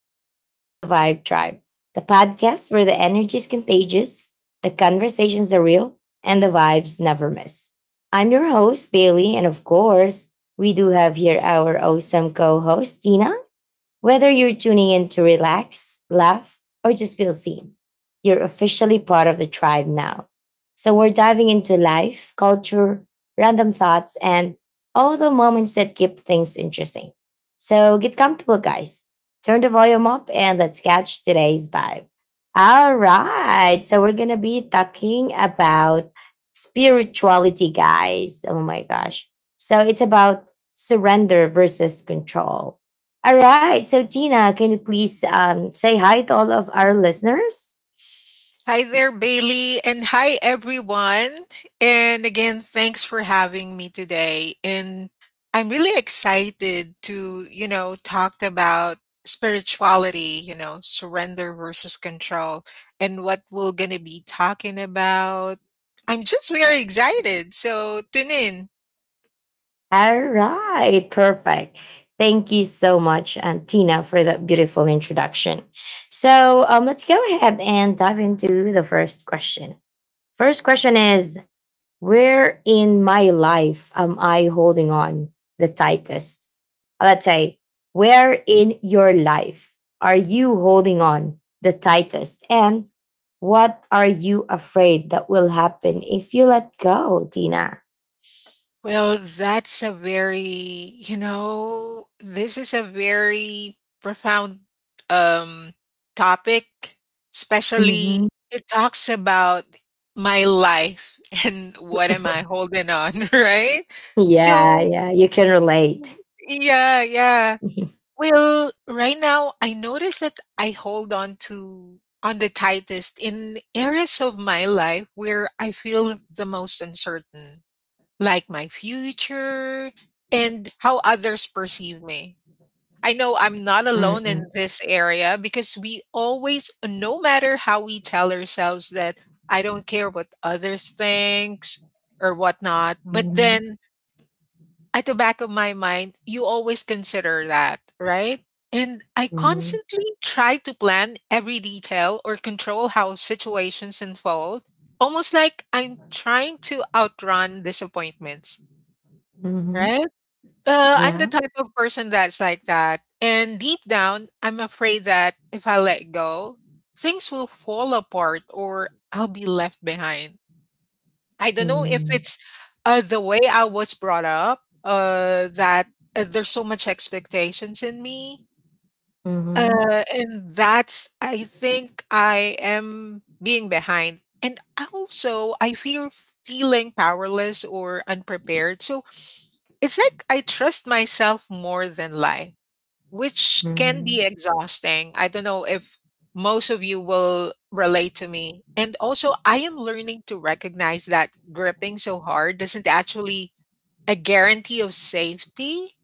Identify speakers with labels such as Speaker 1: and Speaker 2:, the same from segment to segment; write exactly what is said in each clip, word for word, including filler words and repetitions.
Speaker 1: Welcome to the Vibe Tribe, the podcast where the energy is contagious, the conversations are real, and the vibes never miss. I'm your host, Bailey, and of course, we do have here our awesome co host, Tina. Whether you're tuning in to relax, laugh, or just feel seen, you're officially part of the tribe now. So we're diving into life, culture, random thoughts, and all the moments that keep things interesting. So get comfortable, guys. Turn the volume up and let's catch today's vibe. All right. So we're going to be talking about spirituality, guys. Oh my gosh. So it's about surrender versus control. All right. So, Tina, can you please um, say hi to all of our listeners?
Speaker 2: Hi there, Bailey, and hi, everyone. And again, thanks for having me today. And I'm really excited to, you know, talk about spirituality, you know, surrender versus control, and what we're going to be talking about. I'm just very excited. So tune in.
Speaker 1: All right. Perfect. Thank you so much, um, Tina, for that beautiful introduction. So, um, let's go ahead and dive into the first question. First question is Where in my life am I holding on the tightest? Let's say, where in your life are you holding on the tightest? And what are you afraid that will happen if you let go, Tina?
Speaker 2: Well, that's a very, you know, this is a very profound um, topic,
Speaker 1: Hmm.
Speaker 2: especially it talks about my life and what am I holding on, right?
Speaker 1: Yeah,
Speaker 2: So,
Speaker 1: yeah, you can relate.
Speaker 2: yeah, yeah. Well, right now I notice that I hold on to on the tightest in areas of my life where I feel the most uncertain like my future and how others perceive me. I know I'm not alone in
Speaker 1: Mm-mm.
Speaker 2: this area because we always, no matter how we tell ourselves that I don't care what others thinks or whatnot, but
Speaker 1: Mhm.
Speaker 2: then at the back of my mind, you always consider that, right? And I
Speaker 1: Mhm.
Speaker 2: constantly try to plan every detail or control how situations unfold, almost like I'm trying to outrun disappointments,
Speaker 1: Mhm.
Speaker 2: right? Uh, I'm the
Speaker 1: Yeah.
Speaker 2: type of person that's like that. And deep down, I'm afraid that if I let go, things will fall apart or I'll be left behind. I don't know if
Speaker 1: Mhm.
Speaker 2: it's uh, the way I was brought up, uh, that uh, there's so much expectations in me.
Speaker 1: Mhm.
Speaker 2: Uh, and that's I think I am being behind. And also I feel feeling powerless or unprepared. So it's like I trust myself more than life, which can be
Speaker 1: Mhm.
Speaker 2: exhausting. I don't know if most of you will relate to me. And also I am learning to recognize that gripping so hard doesn't actually a guarantee of safety.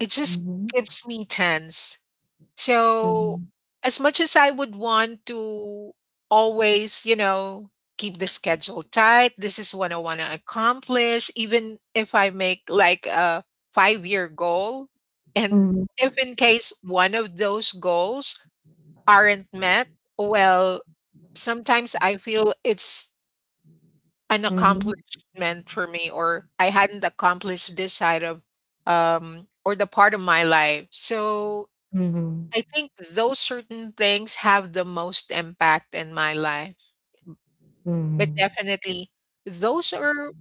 Speaker 2: It just keeps me tense.
Speaker 1: Mhm.
Speaker 2: So,
Speaker 1: Mhm.
Speaker 2: as much as I would want to always, you know, keep the schedule tight, this is what I want to accomplish, even if I make like a five year goal. And if in case one of those goals aren't met, well, sometimes I feel it's an
Speaker 1: Mhm.
Speaker 2: accomplishment for me, or I hadn't accomplished this side of um, or the part of my life. So
Speaker 1: Mhm.
Speaker 2: I
Speaker 1: Mhm.
Speaker 2: think those certain things have the most impact in my life. But
Speaker 1: Mhm.
Speaker 2: definitely, those are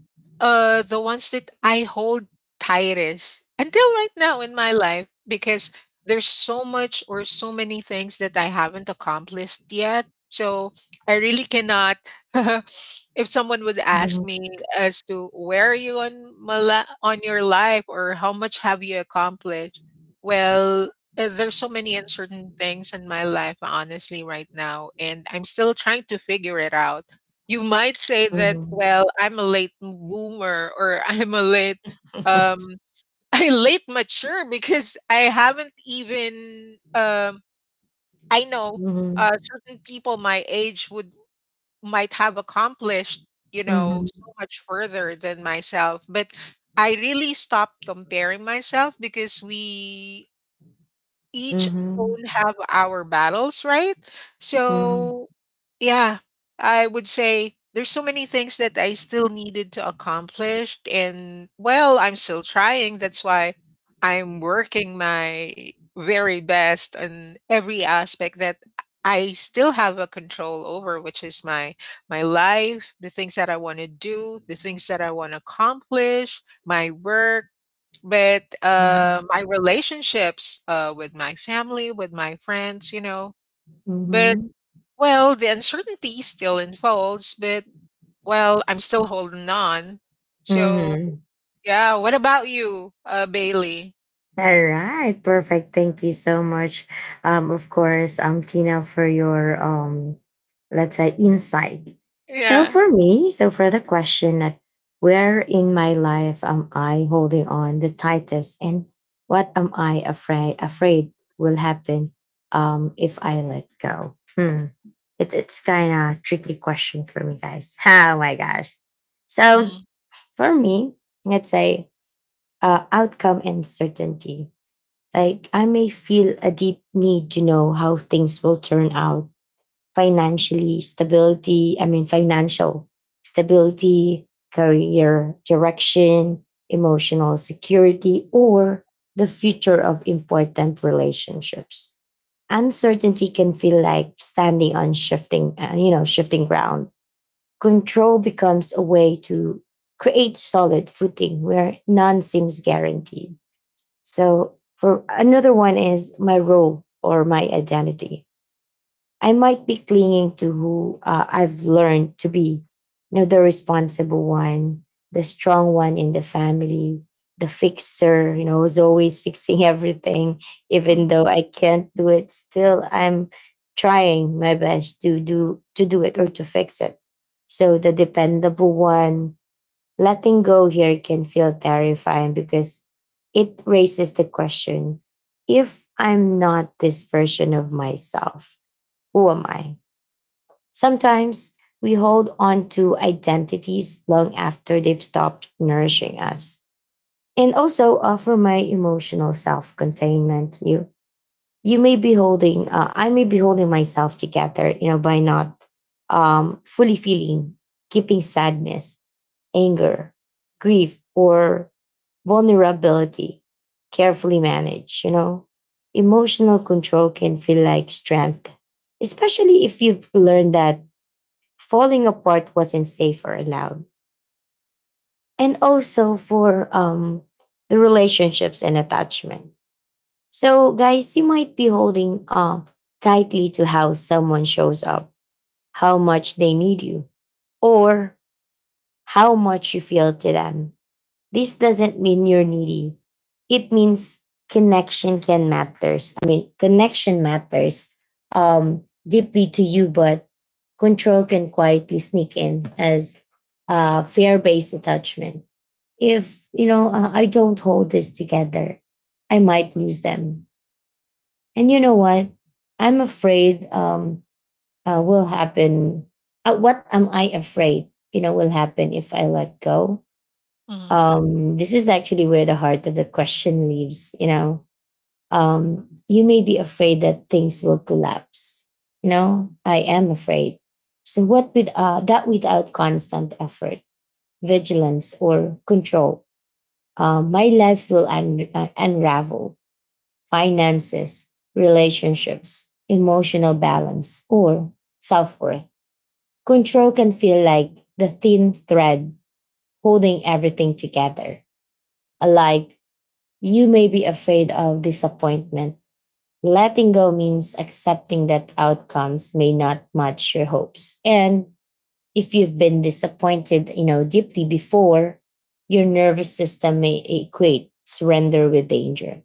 Speaker 2: uh the ones that I hold tightest until right now in my life because there's so much or so many things that I haven't accomplished yet. So I really cannot. If someone would ask
Speaker 1: Mhm,
Speaker 2: me as to where are you on my li- on your life or how much have you accomplished, well, uh, there's so many uncertain things in my life honestly right now and I'm still trying to figure it out. You might say that, "Well, I'm a late boomer," or "I'm a late um I late mature because I haven't even um I know
Speaker 1: mhm,
Speaker 2: uh certain people my age would might have accomplished, you know,
Speaker 1: mhm,
Speaker 2: so much further than myself." But I really stopped comparing myself because we each
Speaker 1: mhm,
Speaker 2: own have our battles, right?
Speaker 1: mhm, mhm,
Speaker 2: So, yeah, I would say there's so many things that I still needed to accomplish and well, I'm still trying. That's why I'm working my very best on every aspect that I still have a control over, which is my my life, the things that I want to do, the things that I want to accomplish, my work, but,
Speaker 1: mhm,
Speaker 2: uh, my relationships, uh, with my family, with my friends, you know, but,
Speaker 1: mhm.
Speaker 2: well, the uncertainty still unfolds, but, well, I'm still holding on. So,
Speaker 1: Mhm.
Speaker 2: yeah, what about you, uh, Bailey?
Speaker 1: All right, perfect. Thank you so much. Um, of course, um, Tina, for your um, let's say insight. So
Speaker 2: Yeah.
Speaker 1: for me, so for the question that, where in my life am I holding on the tightest, and what am I afraid afraid will happen um if I let go? Hmm. It's it's kind of tricky question for me, guys. Oh my gosh. So
Speaker 2: Mm,
Speaker 1: for me, let's say uh, outcome and certainty. Like I may feel a deep need to know how things will turn out financially, stability. I mean, financial stability, career direction, emotional security, or the future of important relationships. Uncertainty can feel like standing on shifting, uh, you know, shifting ground. Control becomes a way to create solid footing where none seems guaranteed. So, for another one is my role or my identity. I might be clinging to who uh, I've learned to be, you know, the responsible one, the strong one in the family, the fixer, you know, who's always fixing everything, even
Speaker 2: mm,
Speaker 1: though I can't do it. Still, I'm trying my best to do to do it or to fix it. So the dependable one, letting go here can feel terrifying because it raises the question: if I'm not this version of myself, who am I? Sometimes we hold on to identities long after they've stopped nourishing us. And also offer my emotional self containment. You you may be holding uh, i may be holding myself together, you know, by not um, fully feeling, keeping sadness, anger, grief or vulnerability carefully managed. You know, emotional control can feel like strength, especially if you've learned that falling apart wasn't safe or allowed. And also for um, the relationships and attachment. So, guys, you might be holding uh, tightly to how someone shows up, how much they need you, or how much you feel to them. This doesn't mean you're needy. It means connection can matters. I mean, connection matters um, deeply to you, but control can quietly sneak in as uh, fear-based attachment. If you know, uh, I don't hold this together, I might lose them. And you know what? I'm afraid um, uh, will happen. Uh, what am I afraid, you know, will happen if I let go?
Speaker 2: mhm,
Speaker 1: Um, this is actually where the heart of the question lives. You know, um, you may be afraid that things will collapse. You know, I am afraid. So what with uh, that without constant effort, vigilance, or control, uh, my life will un- uh, unravel: finances, relationships, emotional balance, or self worth. Control can feel like the thin thread holding everything together. Like, you may be afraid of disappointment. Letting go means accepting that outcomes may not match your hopes. And if you've been disappointed, you know, deeply before, your nervous system may equate surrender with danger.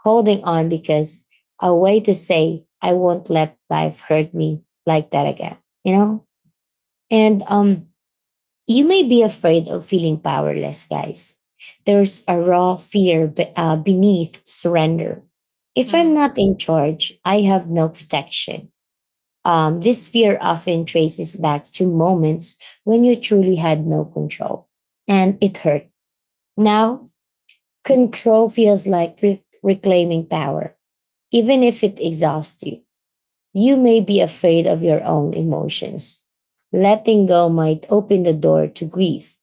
Speaker 1: Holding on because a way to say, I won't let life hurt me like that again, you know? And um you may be afraid of feeling powerless, guys. There's a raw fear be- uh, beneath surrender. If
Speaker 2: mhm,
Speaker 1: I'm not in charge, I have no protection. Um, this fear often traces back to moments when you truly had no control and it hurt. Now, control feels like re- reclaiming power even if it exhausts you. You may be afraid of your own emotions. Letting go might open the door to grief,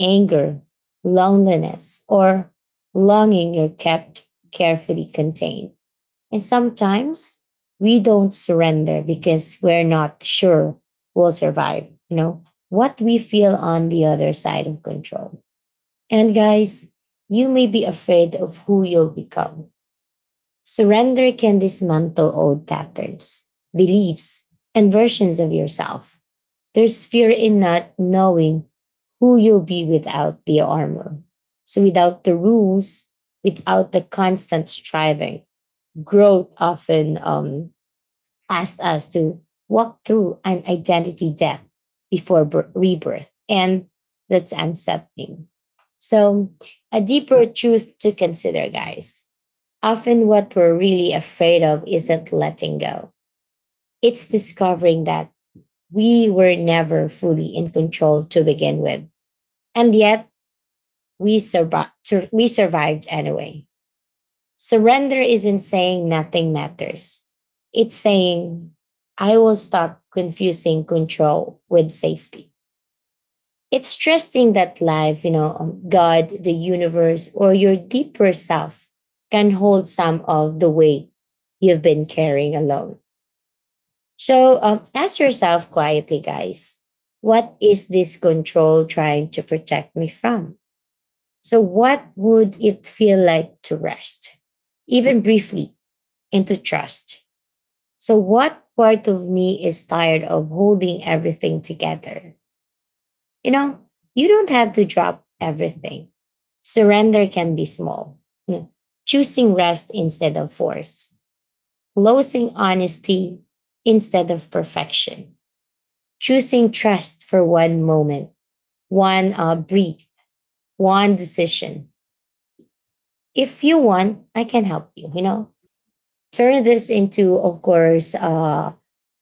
Speaker 1: anger, loneliness, or longing you're kept carefully contained. And sometimes we don't surrender because we're not sure we'll survive, you know, what we feel on the other side of control. And guys, you may be afraid of who you'll become. Surrender can dismantle old patterns, beliefs, and versions of yourself. There's fear in not knowing who you'll be without the armor. So, without the rules, without the constant striving, growth often um, asks us to walk through an identity death before bir- rebirth. And that's unsettling. So, a deeper truth to consider, guys. Often, what we're really afraid of isn't letting go, it's discovering that we were never fully in control to begin with. And yet, we, survi- sur- we survived anyway. Surrender isn't saying nothing matters, it's saying, I will stop confusing control with safety. It's trusting that life, you know, um, God, the universe, or your deeper self can hold some of the weight you've been carrying alone. So, um, ask yourself quietly, guys, what is this control trying to protect me from? So, what would it feel like to rest, even briefly, and to trust? So, what part of me is tired of holding everything together? You know, you don't have to drop everything. Surrender can be small. Mm. Choosing rest instead of force, closing honesty instead of perfection, choosing trust for one moment, one uh, brief, one decision. If you want, I can help you. You know, turn this into, of course, uh,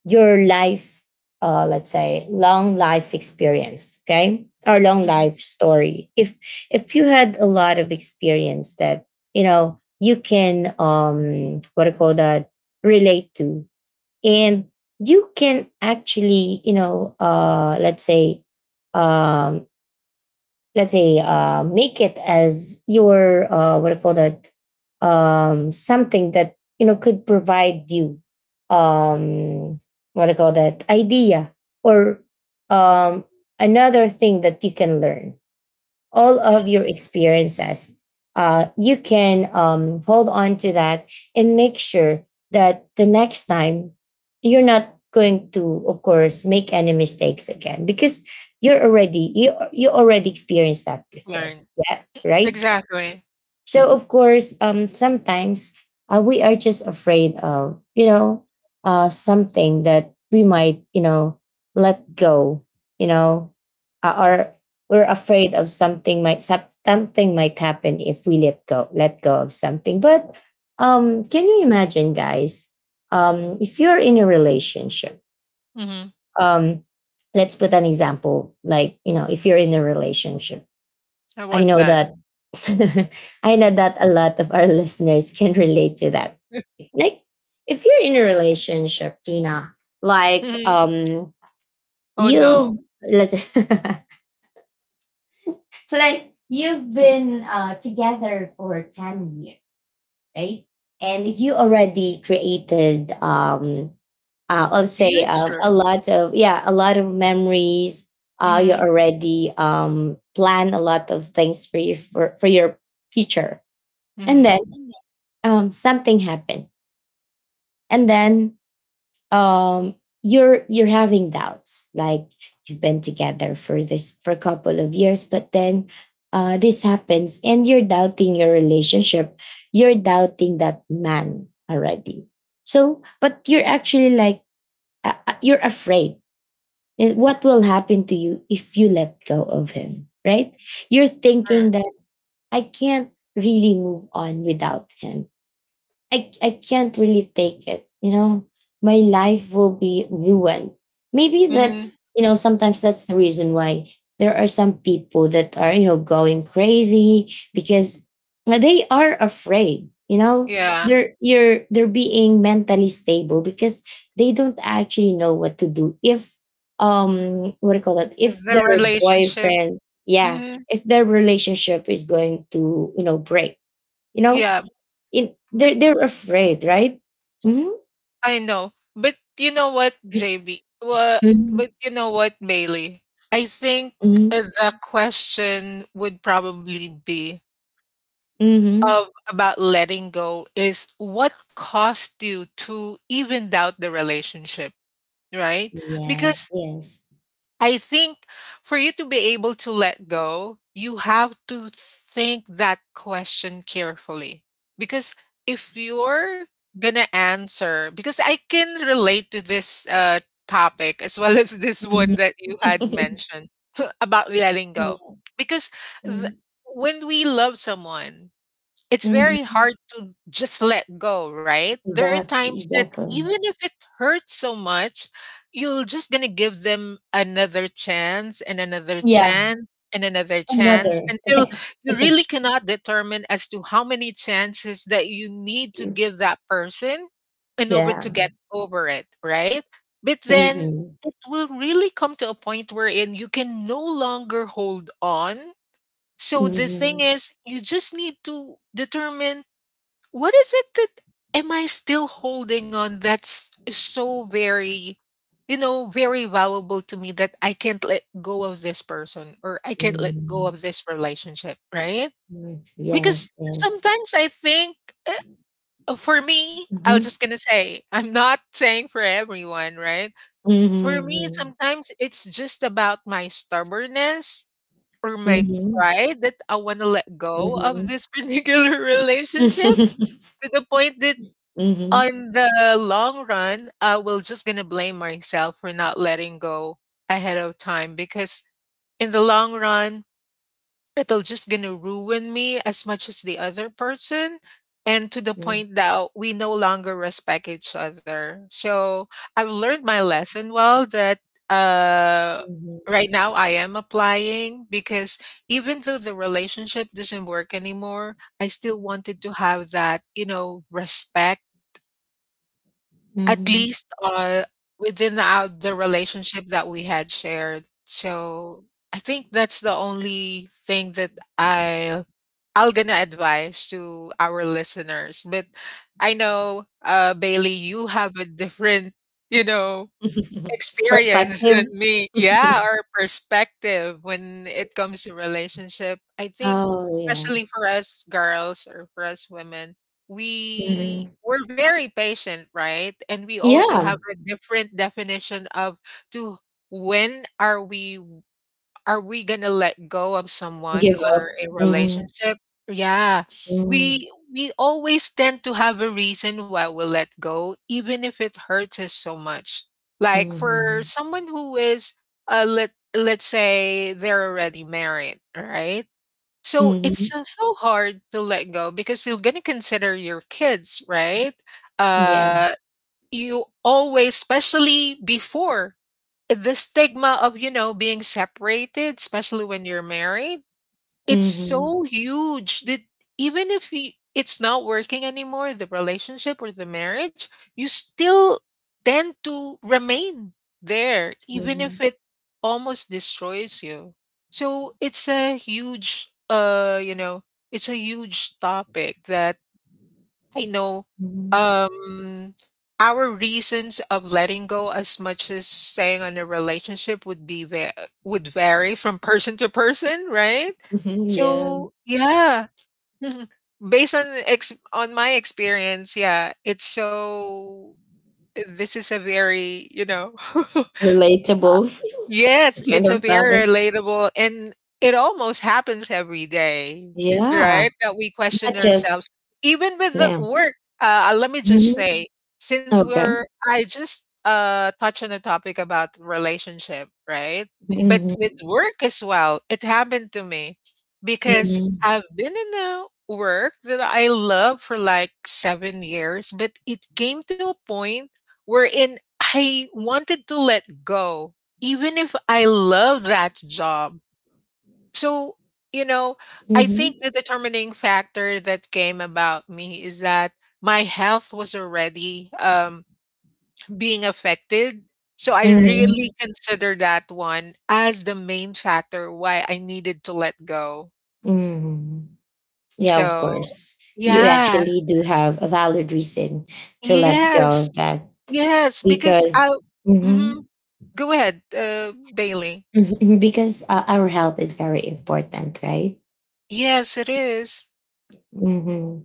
Speaker 1: your life, uh, let's say, long life experience. Okay, or long
Speaker 2: mhm,
Speaker 1: life story. If if you had a lot of experience that you know you can um what do you call that, relate to, and you can actually, you know, uh let's say, um, let's say uh, make it as your uh, what I call that, um, something that you know could provide you, um, what I call that idea, or um, another thing that you can learn all of
Speaker 2: mhm.
Speaker 1: your experiences. Uh, you can um, hold on to that and make sure that the next time you're not going to, of course, make any mistakes again because you're already you you already experienced that before.
Speaker 2: Learn.
Speaker 1: Yeah, right.
Speaker 2: Exactly.
Speaker 1: So of course, um, sometimes uh, we are just afraid of, you know, uh, something that we might, you know, let go. You know, uh, or we're afraid of something might sup- something might happen if we let go let go of something. But um, can you imagine, guys? Um, if you're in a relationship,
Speaker 2: Mhm.
Speaker 1: um, let's put an example. Like you know, if you're in a relationship,
Speaker 2: I
Speaker 1: I
Speaker 2: want
Speaker 1: know
Speaker 2: that.
Speaker 1: that I know that a lot of our listeners can relate to that. Like if you're in a relationship, Tina, like
Speaker 2: Mhm.
Speaker 1: um
Speaker 2: Oh, no.
Speaker 1: you let's like you've been uh together for ten years, right? And you already created um uh,
Speaker 2: The
Speaker 1: I'll say um,
Speaker 2: future.
Speaker 1: a lot of, yeah, a lot of memories. Uh, you
Speaker 2: Mhm,
Speaker 1: already um, plan a lot of things for you for, for your future. And
Speaker 2: mhm.
Speaker 1: then
Speaker 2: Mm,
Speaker 1: um something happened, and then um you're you're having doubts, like, you've been together for this for a couple of years, but then uh this happens and you're doubting your relationship, you're doubting that man already. So but you're actually like, uh, uh, you're afraid. Uh, what will happen to you if you let go of him, right? You're thinking
Speaker 2: alright.
Speaker 1: that, I can't really move on without him. I I can't really take it. You know, my life will be ruined. Maybe
Speaker 2: Mm,
Speaker 1: that's, you know, sometimes that's the reason why there are some people that are, you know, going crazy because they are afraid. You know,
Speaker 2: yeah.
Speaker 1: they're you're they're being mentally stable because they don't actually know what to do if um what do you call that, if
Speaker 2: The
Speaker 1: their
Speaker 2: relationship.
Speaker 1: boyfriend, yeah,
Speaker 2: Hmm.
Speaker 1: if their relationship is going to, you know, break, you know,
Speaker 2: Yeah,
Speaker 1: in
Speaker 2: but
Speaker 1: they're they're afraid, right? Mm-hmm.
Speaker 2: I know. But you know what, J B? Well, but
Speaker 1: Mhm.
Speaker 2: you know what, Bailey? I think uh,
Speaker 1: Mhm.
Speaker 2: the question would probably be
Speaker 1: Mhm.
Speaker 2: of about letting go is what caused you to even doubt the relationship, right?
Speaker 1: Yes,
Speaker 2: Because
Speaker 1: yes.
Speaker 2: I think for you to be able to let go, you have to think that question carefully. Because if you're gonna answer, because I can relate to this uh, topic as well as this one
Speaker 1: Mhm.
Speaker 2: that you had mentioned about letting go.
Speaker 1: Mhm.
Speaker 2: Because th- when we love someone, it's very
Speaker 1: Mhm.
Speaker 2: hard to just let go, right? There are
Speaker 1: Exactly,
Speaker 2: times that
Speaker 1: exactly.
Speaker 2: even if it hurts so much, you're just going to give them another chance and another
Speaker 1: Yeah,
Speaker 2: chance and another chance
Speaker 1: another.
Speaker 2: until you really cannot determine as to how many chances that you need to give that person in order to
Speaker 1: Yeah.
Speaker 2: get over it, right? But then
Speaker 1: Mhm.
Speaker 2: it will really come to a point wherein you can no longer hold on, so the thing
Speaker 1: Mhm.
Speaker 2: is, you just need to determine what is it that am I still holding on that's so very, you know, very valuable to me that I can't let go of this person or I can't let go
Speaker 1: Mhm.
Speaker 2: of this relationship, right?
Speaker 1: Mhm. Yes,
Speaker 2: Because
Speaker 1: yes.
Speaker 2: sometimes I think uh, for me, I was
Speaker 1: Mhm.
Speaker 2: just going to say, I'm not saying for everyone, right? For me,
Speaker 1: Mhm.
Speaker 2: sometimes it's just about my stubbornness or my
Speaker 1: Mhm.
Speaker 2: pride that I want to let go of
Speaker 1: Mhm.
Speaker 2: this particular relationship to the point that
Speaker 1: Mhm. Mhm.
Speaker 2: on the long run, I will just gonna blame myself for not letting go ahead of time because in the long run, it'll just gonna ruin me as much as the other person and to the point that we no longer respect each other. So I've learned my lesson well that uh
Speaker 1: Mhm.
Speaker 2: right now I am applying, because even though the relationship doesn't work anymore, I still wanted to have that you know respect at least uh within our, the relationship that we had shared. So I think that's the only thing that i I'll gonna advise to our listeners, but I know, uh, Bailey, you have a different, you know,
Speaker 1: Mhm.
Speaker 2: experience
Speaker 1: Perspective.
Speaker 2: than me. Yeah, or perspective when it comes to relationship. I think,
Speaker 1: Oh yeah.
Speaker 2: especially for us girls or for us women, we
Speaker 1: Mhm.
Speaker 2: we're very patient, right? And we also have
Speaker 1: Yeah,
Speaker 2: a different definition of to when are we are we gonna let go of someone
Speaker 1: give
Speaker 2: or
Speaker 1: up.
Speaker 2: a
Speaker 1: Mhm,
Speaker 2: relationship? Yeah.
Speaker 1: mhm,
Speaker 2: We we always tend to have a reason why we let go, even if it hurts us so much. Like for
Speaker 1: mhm,
Speaker 2: someone who is uh let let's say they're already married, right? So it's
Speaker 1: mhm.
Speaker 2: so so hard to let go because you're gonna consider your kids, right?
Speaker 1: Yeah.
Speaker 2: Uh you always, especially before, the stigma of you know being separated, especially when you're married, it's
Speaker 1: Mhm,
Speaker 2: so huge that even if you, it's not working anymore, the relationship or the marriage, you still tend to remain there even if
Speaker 1: mhm,
Speaker 2: it almost destroys you. So it's a huge uh, you know, it's a huge topic that I know.
Speaker 1: mhm,
Speaker 2: Um, our reasons of letting go, as much as staying on a relationship, would be va- would vary from person to person, right?
Speaker 1: yeah.
Speaker 2: So yeah. Mhm. Based on ex- on my experience, yeah, it's so. This is a very, you know.
Speaker 1: Relatable
Speaker 2: Yes,
Speaker 1: kind
Speaker 2: it's a
Speaker 1: of topic.
Speaker 2: very relatable and it almost happens every day,
Speaker 1: Yeah,
Speaker 2: right? That we
Speaker 1: not
Speaker 2: question
Speaker 1: just
Speaker 2: ourselves. Even with the
Speaker 1: yeah.
Speaker 2: work, uh, let me just
Speaker 1: Mhm.
Speaker 2: say, since
Speaker 1: Okay.
Speaker 2: we're, I just uh, touched on the topic about relationship, right? But
Speaker 1: Mhm,
Speaker 2: with work as well, it happened to me because
Speaker 1: mhm,
Speaker 2: I've been in a work that I love for like seven years, but it came to a point wherein I wanted to let go even if I love that job. So, you know, I
Speaker 1: mhm,
Speaker 2: think the determining factor that came about me is that my health was already um, being affected. So I
Speaker 1: mhm,
Speaker 2: really consider that one as the main factor why I needed to let go.
Speaker 1: mhm. Yeah, of
Speaker 2: So,
Speaker 1: course. You
Speaker 2: yeah.
Speaker 1: actually do have a valid reason to let
Speaker 2: Yes.
Speaker 1: go of that
Speaker 2: Yes. Because I,
Speaker 1: because. mm-hmm.
Speaker 2: mhm, go ahead, uh, Bailey.
Speaker 1: Because uh, our health is very important, right?
Speaker 2: Yes, it is.
Speaker 1: hmm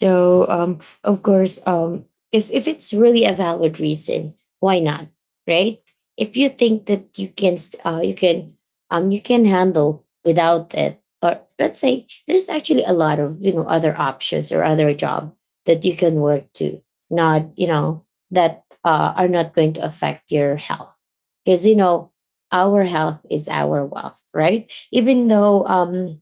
Speaker 1: so, um, of course, um, if if it's really a valid reason, why not, right? If you think that you can, st- uh, you can, um, you can handle without it. Or let's say there's actually a lot of you know other options or other job that you can work to, not you know that uh, are not going to affect your health, because you know our health is our wealth, right? Even though um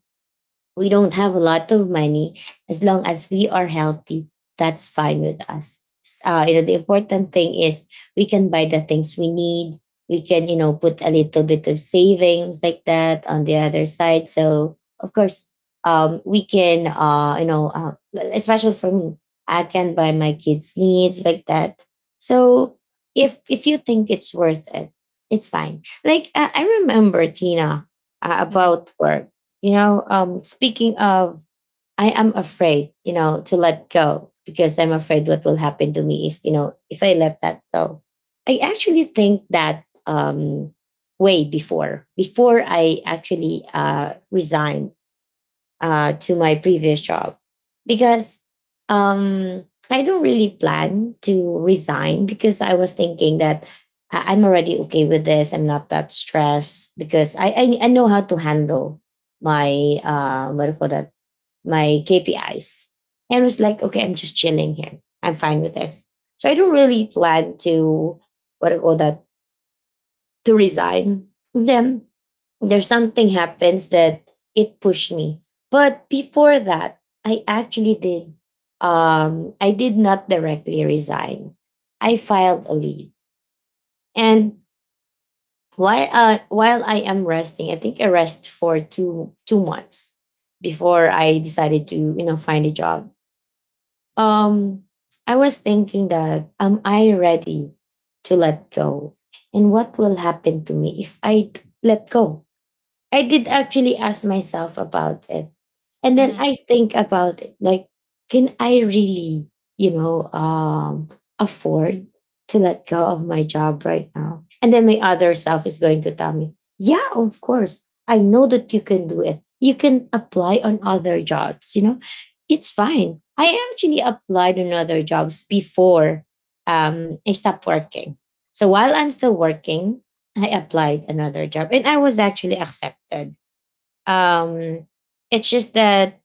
Speaker 1: we don't have a lot of money. As long as we are healthy, that's fine with us. S- Uh, you know, the important thing is we can buy the things we need. We can, you know, put a little bit of savings like that on the other side. So, of course, um, we can, uh, you know, uh, especially for me, I can buy my kids' needs like that. So, if if you think it's worth it, it's fine. Like I I remember Tina uh,
Speaker 2: Mhm.
Speaker 1: about work, you know, um, speaking of, I am afraid, you know, to let go because I'm afraid what will happen to me if, you know, if I let that go. I actually think that um, way before, before I actually uh, resigned uh, to my previous job, because um, I don't really plan to resign because I was thinking that I- I'm already okay with this. I'm not that stressed because I I, I know how to handle my uh what do you call that my K P Is. And I was like, okay, I'm just chilling here. I'm fine with this. So I don't really plan to what do you call that to resign. Then there's something happens that it pushed me. But before that, I actually did. Um, I did not directly resign. I filed a leave, and while uh, while I am resting, I think I rest for two two months before I decided to you know find a job. Um, I was thinking that am I ready to let go, and what will happen to me if I let go? I did actually ask myself about it. And then
Speaker 2: Mhm.
Speaker 1: I think about it like, can I really, you know, um, afford to let go of my job right now? And then my other self is going to tell me, yeah, of course. I know that you can do it. You can apply on other jobs, you know, it's fine. I actually applied on other jobs before um, I stopped working. So while I'm still working, I applied another job and I was actually accepted. Um it's just that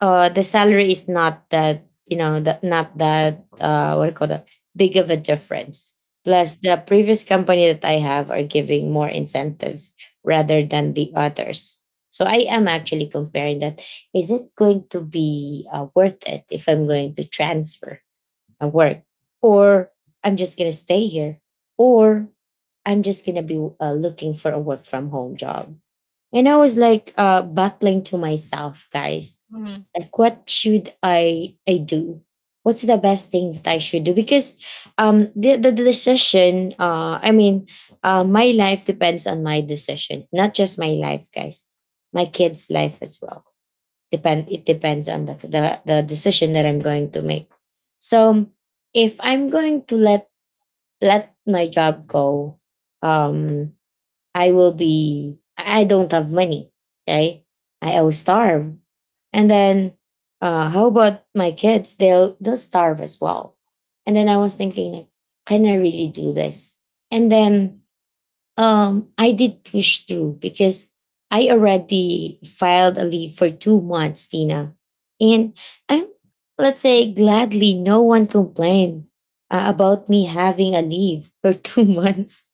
Speaker 1: uh the salary is not that you know that not that uh what do you call that big of a difference. Plus the previous company that I have are giving more incentives rather than the others. So I am actually comparing that. Is it going to be uh, worth it if I'm going to transfer? At work, or I'm just going to stay here, or I'm just going to be uh, looking for a work from home job. And I was like uh, battling to myself, guys.
Speaker 2: Mhm.
Speaker 1: Like, what should I, I do? What's the best thing that I should do? Because um, the, the, the decision, uh, I mean, uh, my life depends on my decision, not just my life, guys, my kids' life as well depend it depends on the, the the decision that I'm going to make. So if I'm going to let let my job go, um I will be I I don't have money. Okay, i I will starve, and then uh how about my kids, they'll they'll starve as well. And then I was thinking, can I really do this? And then um, I did push through because I already filed a leave for two months, Tina. And I, let's say, gladly, no one complained uh, about me having a leave for two months.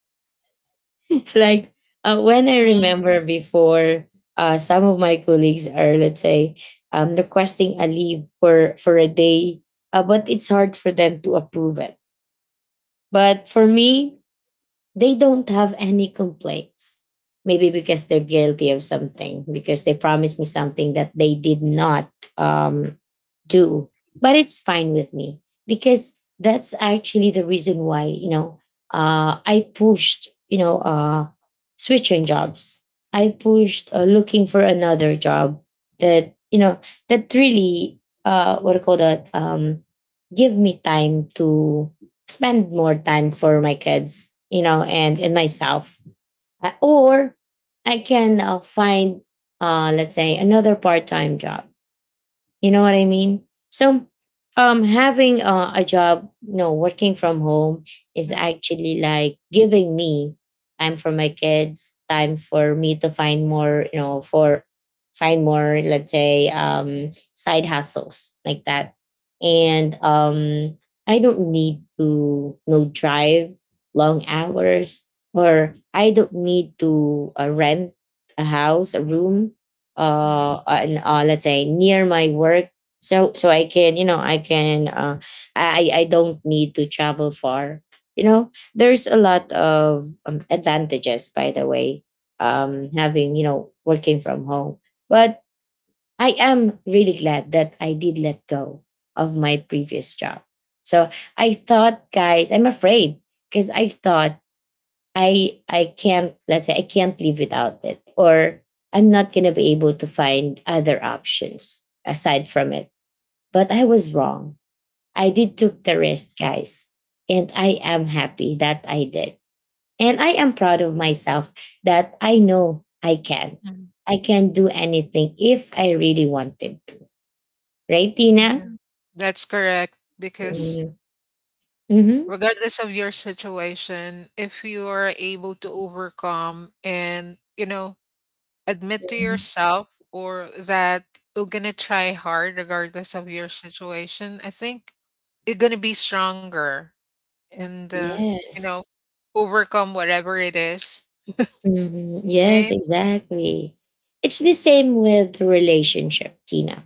Speaker 1: Like uh, when I
Speaker 2: Mhm.
Speaker 1: remember before, uh, some of my colleagues are, let's say, um, requesting a leave for for a day, uh, but it's hard for them to approve it. But for me, they don't have any complaints. Maybe because they're guilty of something, because they promised me something that they did not um, do. But it's fine with me because that's actually the reason why, you know, uh, I pushed, you know, uh, switching jobs. I pushed uh, looking for another job that, you know, that really, uh, what do you call that, um, give me time to spend more time for my kids, you know, and and myself. Uh, or I can uh, find, uh, let's say, another part time job, you know what I mean? So, um, having uh, a job, you know, working from home is
Speaker 2: Mhm.
Speaker 1: actually like giving me time for my kids, time for me to find more, you know, for find more, let's say, um, side hustles like that. And um, I don't need to, you know, drive long hours, or I don't need to uh, rent a house, a room
Speaker 2: Mm,
Speaker 1: uh and uh, let's say near my work. So so I can you know I can uh i i don't need to travel far. You know, there's a lot of um, advantages by the way, um having you know working from home. But I am really glad that I did let go of my previous job. So I thought guys I'm afraid because I thought I I can't, let's say I can't live without it, or I'm not going to be able to find other options aside from it. But I was wrong. I did took the risk, guys. And I am happy that I did. And I am proud of myself that I know I can.
Speaker 2: mm.
Speaker 1: I can do anything if I really wanted to. Right,
Speaker 2: Yeah,
Speaker 1: Tina?
Speaker 2: mm. That's correct. Because
Speaker 1: Mm-hmm. Mhm.
Speaker 2: regardless of your situation, if you are able to overcome and, you know, admit to yourself or that you're going to try hard regardless of your situation, I think you're going to be stronger and, uh, you know,
Speaker 1: Yes.
Speaker 2: overcome whatever it is.
Speaker 1: Mhm. Yes,
Speaker 2: Right?
Speaker 1: exactly. It's the same with the relationship, Tina.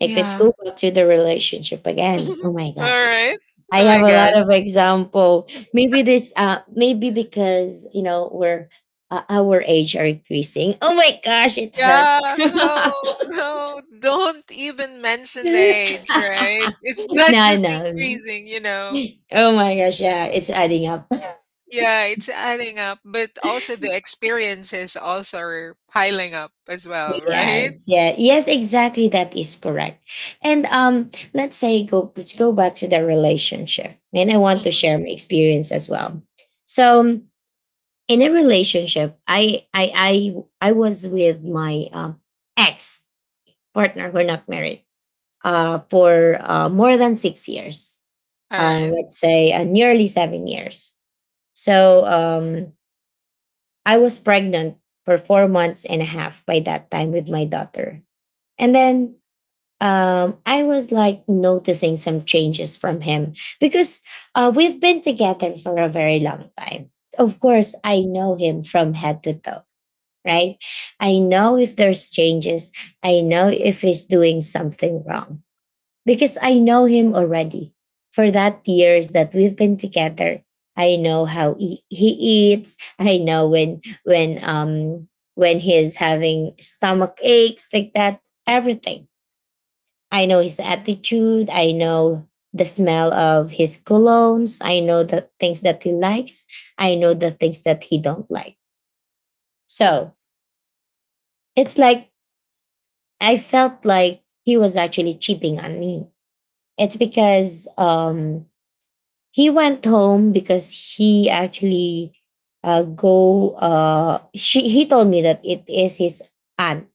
Speaker 1: Like, let's go back to the relationship again. Oh my
Speaker 2: All
Speaker 1: gosh.
Speaker 2: right. Oh
Speaker 1: I
Speaker 2: my
Speaker 1: have a
Speaker 2: gosh.
Speaker 1: lot of example. Maybe this, uh, maybe because, you know, we're, uh, our age are increasing. Oh my gosh, it hurts.
Speaker 2: Yeah. Oh, no. Don't even mention the age, right? It's not
Speaker 1: No,
Speaker 2: just
Speaker 1: no.
Speaker 2: increasing, you know.
Speaker 1: Oh my gosh, yeah, it's adding up.
Speaker 2: Yeah, it's adding up, but also the experiences also are piling up as well, right?
Speaker 1: Yes, yeah, yes, exactly. That is correct. And um, let's say go. Let's go back to the relationship, and I want to
Speaker 2: Mhm.
Speaker 1: share my experience as well. So, um, in a relationship, I, I, I, I was with my um ex partner. We're not married. Uh, for uh, more than six years.
Speaker 2: All
Speaker 1: Uh,
Speaker 2: right.
Speaker 1: let's say uh, nearly seven years. So, um, I was pregnant for four months and a half by that time with my daughter, and then um, I was like noticing some changes from him because uh, we've been together for a very long time. Of course, I know him from head to toe, right? I know if there's changes, I know if he's doing something wrong because I know him already. For that years that we've been together, I know how he, he eats. I know when when um when he's having stomach aches like that, everything. I know his attitude. I know the smell of his colognes. I know the things that he likes. I know the things that he don't like. So it's like I felt like he was actually cheating on me. It's because um he went home because he actually uh go uh she he told me that it is his aunt,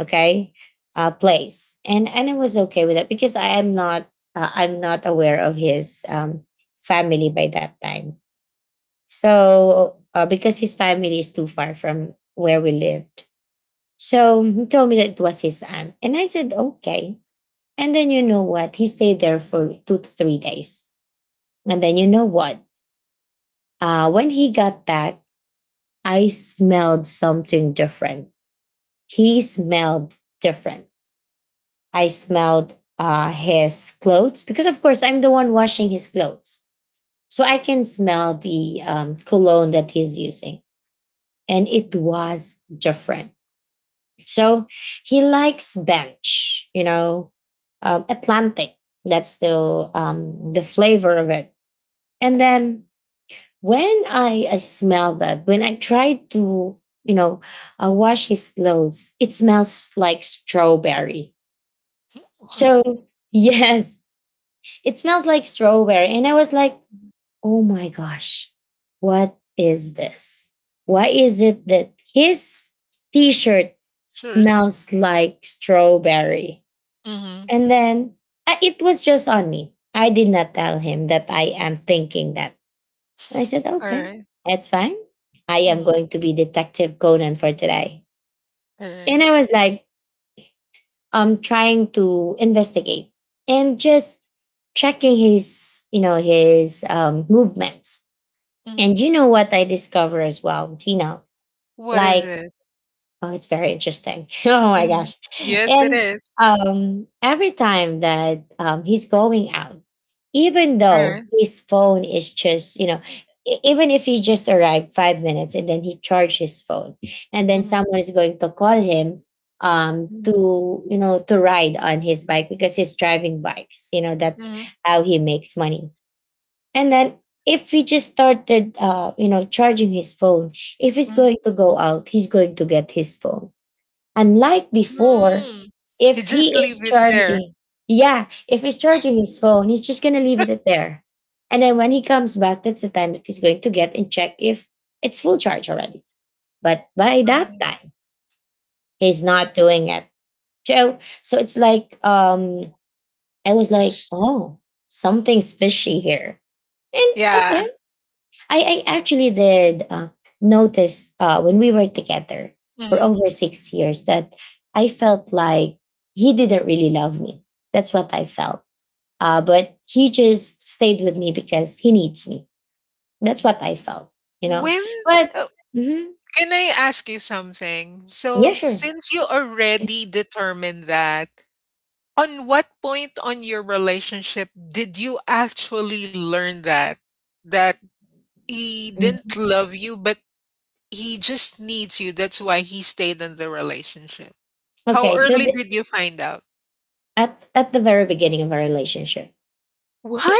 Speaker 1: okay, uh place. and and I was okay with that because I am not uh, I'm not aware of his um family by that time, so uh, because his family is too far from where we lived. So he told me that it was his aunt and I said okay. And then you know what, he stayed there for two to three days. And then you know what, uh when he got back I smelled something different. He smelled different. I smelled uh, his clothes because, of course, I'm the one washing his clothes. So I can smell the um, cologne that he's using. And it was different. So he likes bench, you know, um, Atlantic. That's the, um, the flavor of it. And then when I, I smell that, when I try to, you know, uh, wash his clothes, it smells like strawberry. So, yes, it smells like strawberry. And I was like, oh my gosh, what is this? Why is it that his t shirt
Speaker 2: Sure.
Speaker 1: smells like strawberry?
Speaker 2: Mm-hmm.
Speaker 1: And then uh, it was just on me. I did not tell him that I am thinking that. I said,
Speaker 2: All
Speaker 1: okay,
Speaker 2: right.
Speaker 1: that's fine. I am
Speaker 2: Mhm.
Speaker 1: going to be Detective Conan for today.
Speaker 2: All right.
Speaker 1: And I was like, um trying to investigate and just checking his you know his um movements.
Speaker 2: Mhm.
Speaker 1: And you know what I discovered as well, Tina,
Speaker 2: What is
Speaker 1: like
Speaker 2: it?
Speaker 1: oh, it's very interesting. Oh my
Speaker 2: Mhm.
Speaker 1: gosh.
Speaker 2: Yes, it
Speaker 1: And
Speaker 2: is.
Speaker 1: um every time that um he's going out, even
Speaker 2: All right.
Speaker 1: though his phone is just, you know, e- even if he just arrived five minutes and then he charged his phone, and then
Speaker 2: Mhm.
Speaker 1: someone is going to call him um
Speaker 2: Mhm.
Speaker 1: to you know to ride on his bike because he's driving bikes, you know, that's
Speaker 2: Mhm.
Speaker 1: how he makes money. And then if he just started uh you know charging his phone, if he's
Speaker 2: Mhm.
Speaker 1: going to go out, he's going to get his phone. Unlike before,
Speaker 2: Mm. You
Speaker 1: if
Speaker 2: just
Speaker 1: he
Speaker 2: leave
Speaker 1: is
Speaker 2: it there.
Speaker 1: charging, yeah, if he's charging his phone, he's just gonna leave it there. And then when he comes back, that's the time that he's going to get and check if it's full charge already. But by
Speaker 2: All
Speaker 1: that
Speaker 2: right.
Speaker 1: time, he's not doing it. So so it's like um I was like,
Speaker 2: Sh-
Speaker 1: oh, something's fishy here. And
Speaker 2: Yeah.
Speaker 1: okay, I, I actually did uh, notice uh, when we were together for
Speaker 2: Mhm.
Speaker 1: over six years that I felt like he didn't really love me. That's what I felt. Uh, but he just stayed with me because he needs me. That's what I felt, you know.
Speaker 2: When
Speaker 1: But
Speaker 2: Oh,
Speaker 1: mhm,
Speaker 2: can I ask you something? So,
Speaker 1: yeah, sure.
Speaker 2: since you already determined that, on what point on your relationship did you actually learn that that he didn't
Speaker 1: Mhm.
Speaker 2: love you, but he just needs you? That's why he stayed in the relationship. How
Speaker 1: Okay, so
Speaker 2: early
Speaker 1: the,
Speaker 2: did you find out?
Speaker 1: at at the very beginning of our relationship,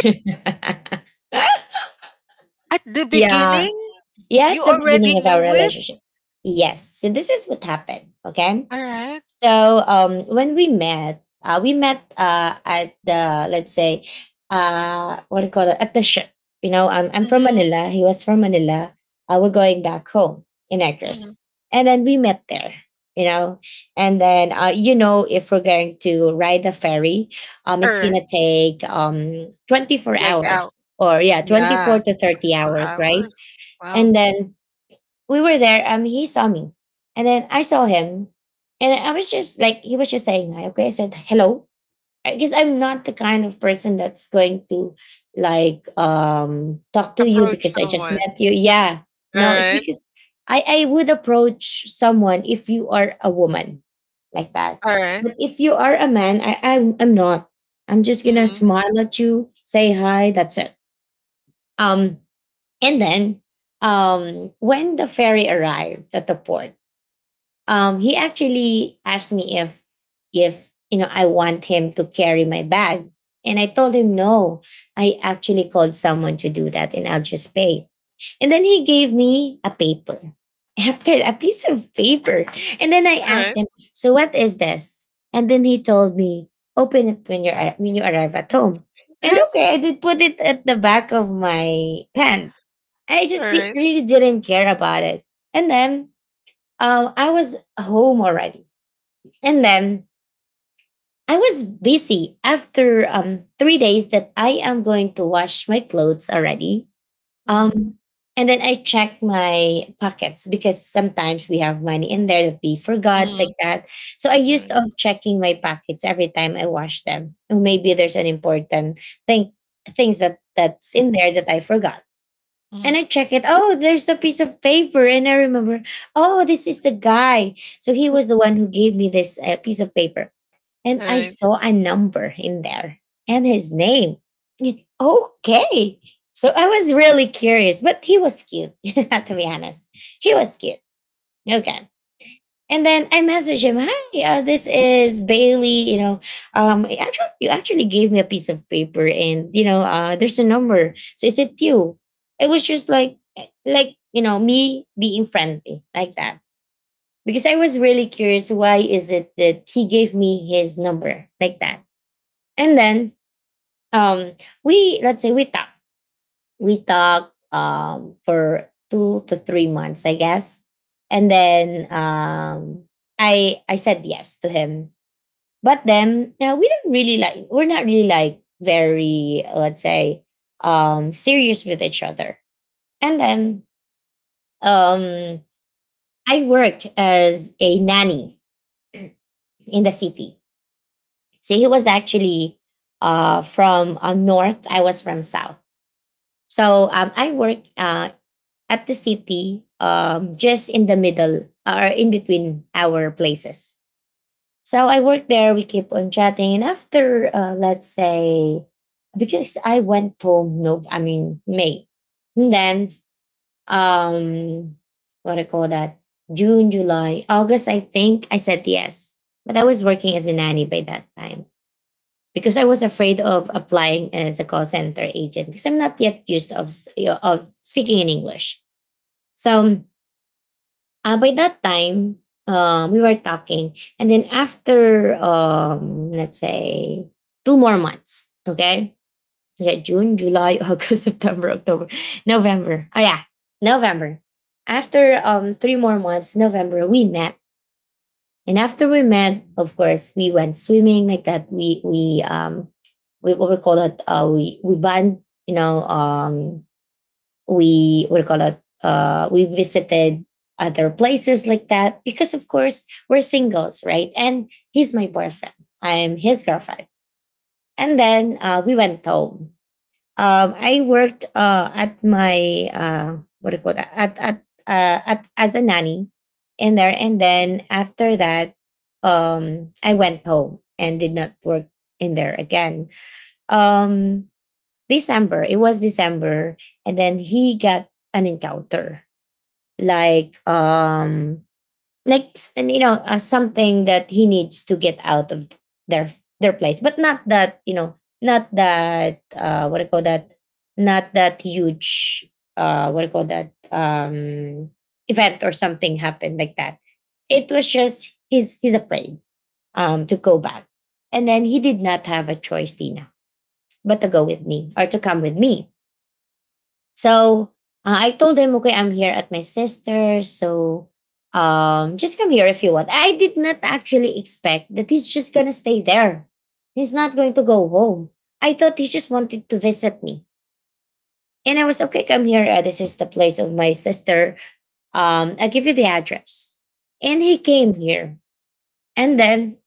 Speaker 2: At the
Speaker 1: yeah,
Speaker 2: beginning,
Speaker 1: yeah,
Speaker 2: you
Speaker 1: at the
Speaker 2: already
Speaker 1: beginning of our
Speaker 2: knew it.
Speaker 1: relationship, yes. So this is what happened. Okay,
Speaker 2: All right.
Speaker 1: so um, when we met, uh, we met uh, at the let's say uh, what do you call it, at the ship. You know, I'm I'm from
Speaker 2: Mm-hmm.
Speaker 1: Manila. He was from Manila. Uh, we're going back home in
Speaker 2: Mm-hmm.
Speaker 1: Negros, and then we met there. You know, and then uh, you know, if we're going to ride the ferry, um,
Speaker 2: All
Speaker 1: it's
Speaker 2: right.
Speaker 1: gonna take um twenty-four
Speaker 2: Like out.
Speaker 1: hours or yeah
Speaker 2: Yeah.
Speaker 1: twenty-four to thirty
Speaker 2: twenty-four
Speaker 1: hours,
Speaker 2: hours.
Speaker 1: right?
Speaker 2: Wow.
Speaker 1: And then we were there. Um, he saw me, and then I saw him, and I was just like, he was just saying hi. Okay, I said hello because I'm not the kind of person that's going to like um talk to you
Speaker 2: Approach
Speaker 1: because I just
Speaker 2: someone.
Speaker 1: met you. Yeah, no, it's
Speaker 2: Alright,
Speaker 1: because I I would approach someone if you are a woman like that,
Speaker 2: alright.
Speaker 1: but if you are a man, I I'm, I'm not. I'm just gonna
Speaker 2: Mhm,
Speaker 1: smile at you, say hi. That's it. Um, and then, um, when the ferry arrived at the port, um, he actually asked me if if you know I want him to carry my bag, and I told him no. I actually called someone to do that, and I'll just pay. And then he gave me a paper, after a piece of paper, and then I asked
Speaker 2: alright.
Speaker 1: him, "So what is this?" And then he told me, "Open it when you are when you arrive at home." And okay, I did put it at the back of my pants. I just di-
Speaker 2: Alright.
Speaker 1: really didn't care about it. And then um, I was home already. And then I was busy after um three days, that I am going to wash my clothes already.
Speaker 2: Mhm,
Speaker 1: Um, and then I checked my pockets because sometimes we have money in there that we forgot
Speaker 2: mhm,
Speaker 1: like that. So I used
Speaker 2: right,
Speaker 1: of checking my pockets every time I wash them. Or maybe there's an important thing things that that's in there that I forgot.
Speaker 2: mhm,
Speaker 1: And I check it. Oh, there's a piece of paper. And I remember, oh, this is the guy. So he was the one who gave me this uh, piece of paper. And I
Speaker 2: alright.
Speaker 1: saw a number in there and his name. And, okay. So I was really curious, but he was cute, to be honest. He was cute. Okay. And then I message him, "Hi, uh, this is Bailey. You know, um, he actually, you actually gave me a piece of paper, and you know, uh, there's a number. So is it you?" It was just like, like you know, me being friendly like that because I was really curious. Why is it that he gave me his number like that? And then, um, we let's say we talk we talked um, for two to three months, I guess. And then um, I I said yes to him. But then yeah, we don't really like we're not really like very let's say um, serious with each other. And then um, I worked as a nanny in the city. So he was actually uh, from uh, north. I was from south. So um, I work uh, at the city, um, just in the middle or in between our places. So I worked there. We keep on chatting, and after uh, let's say, because I went home. No, I mean May. And then um, what do I call that? June, July, August. I think I said yes, but I was working as a nanny by that time because I was afraid of applying as a call center agent because I'm not yet used of of speaking in English. So Uh, by that time, um, we were talking, and then after, um, let's say, two more months. Okay, yeah, June, July, August, September, October, November. Oh yeah, November. After um three more months, November, we met, and after we met, of course, we went swimming like that. We we um we what we call it. Uh, we we bond. You know, um, we we call it uh, we visited other places like that because of course we're singles, right, and he's my boyfriend, I'm his girlfriend. And then uh, we went home. um, I worked uh, at my uh, what do you call that at, at, uh, at as a nanny in there. And then after that um, I went home and did not work in there again. um, December. It was December, and then he got an encounter, like um, like s- and, you know, uh, something that he needs to get out of their their place, but not that you know, not that uh, what do you call that, not that huge uh, what do you call that um event, or something happened like that. It was just he's he's afraid um to go back, and then he did not have a choice, Tina, but to go with me or to come with me. So uh, I told him, okay, I'm here at my sister's. So um, just come here if you want. I did not actually expect that he's just going to stay there. He's not going to go home. I thought he just wanted to visit me. And I was, okay, come here. Uh, this is the place of my sister. Um, I'll give you the address. And he came here. And then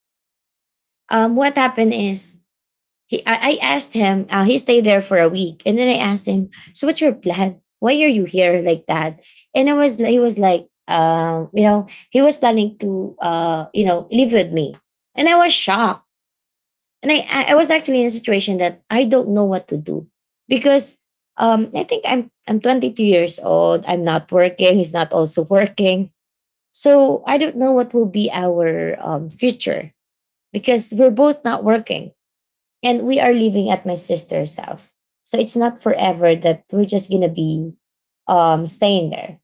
Speaker 1: um, what happened is he I, I asked him, uh, he stayed there for a week, and then I asked him, so what's your plan, why are you here like that? And I was he was like, um you know, he was planning to uh you know live with me. And I was shocked, and i i I was actually in a situation that I don't know what to do, because um I think i'm i'm twenty-two years old, I'm not working, he's not also working. So I don't know what will be our um, future, because we're both not working and we are living at my sister's house. So it's not forever that we're just going to be um, staying there.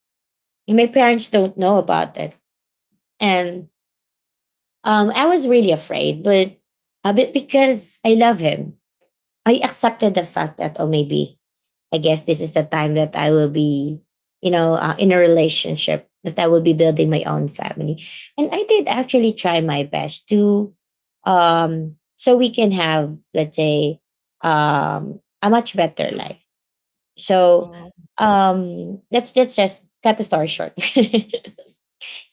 Speaker 1: And my parents don't know about it. And um, I was really afraid, but a bit because I love him. I accepted the fact that, oh, maybe I guess this is the time that I will be, you know, uh, in a relationship that I will be building my own family. And I did actually try my best to, um, so we can have, let's say, um, a much better life. So,
Speaker 2: Wow.
Speaker 1: um, let's let's just cut the story short.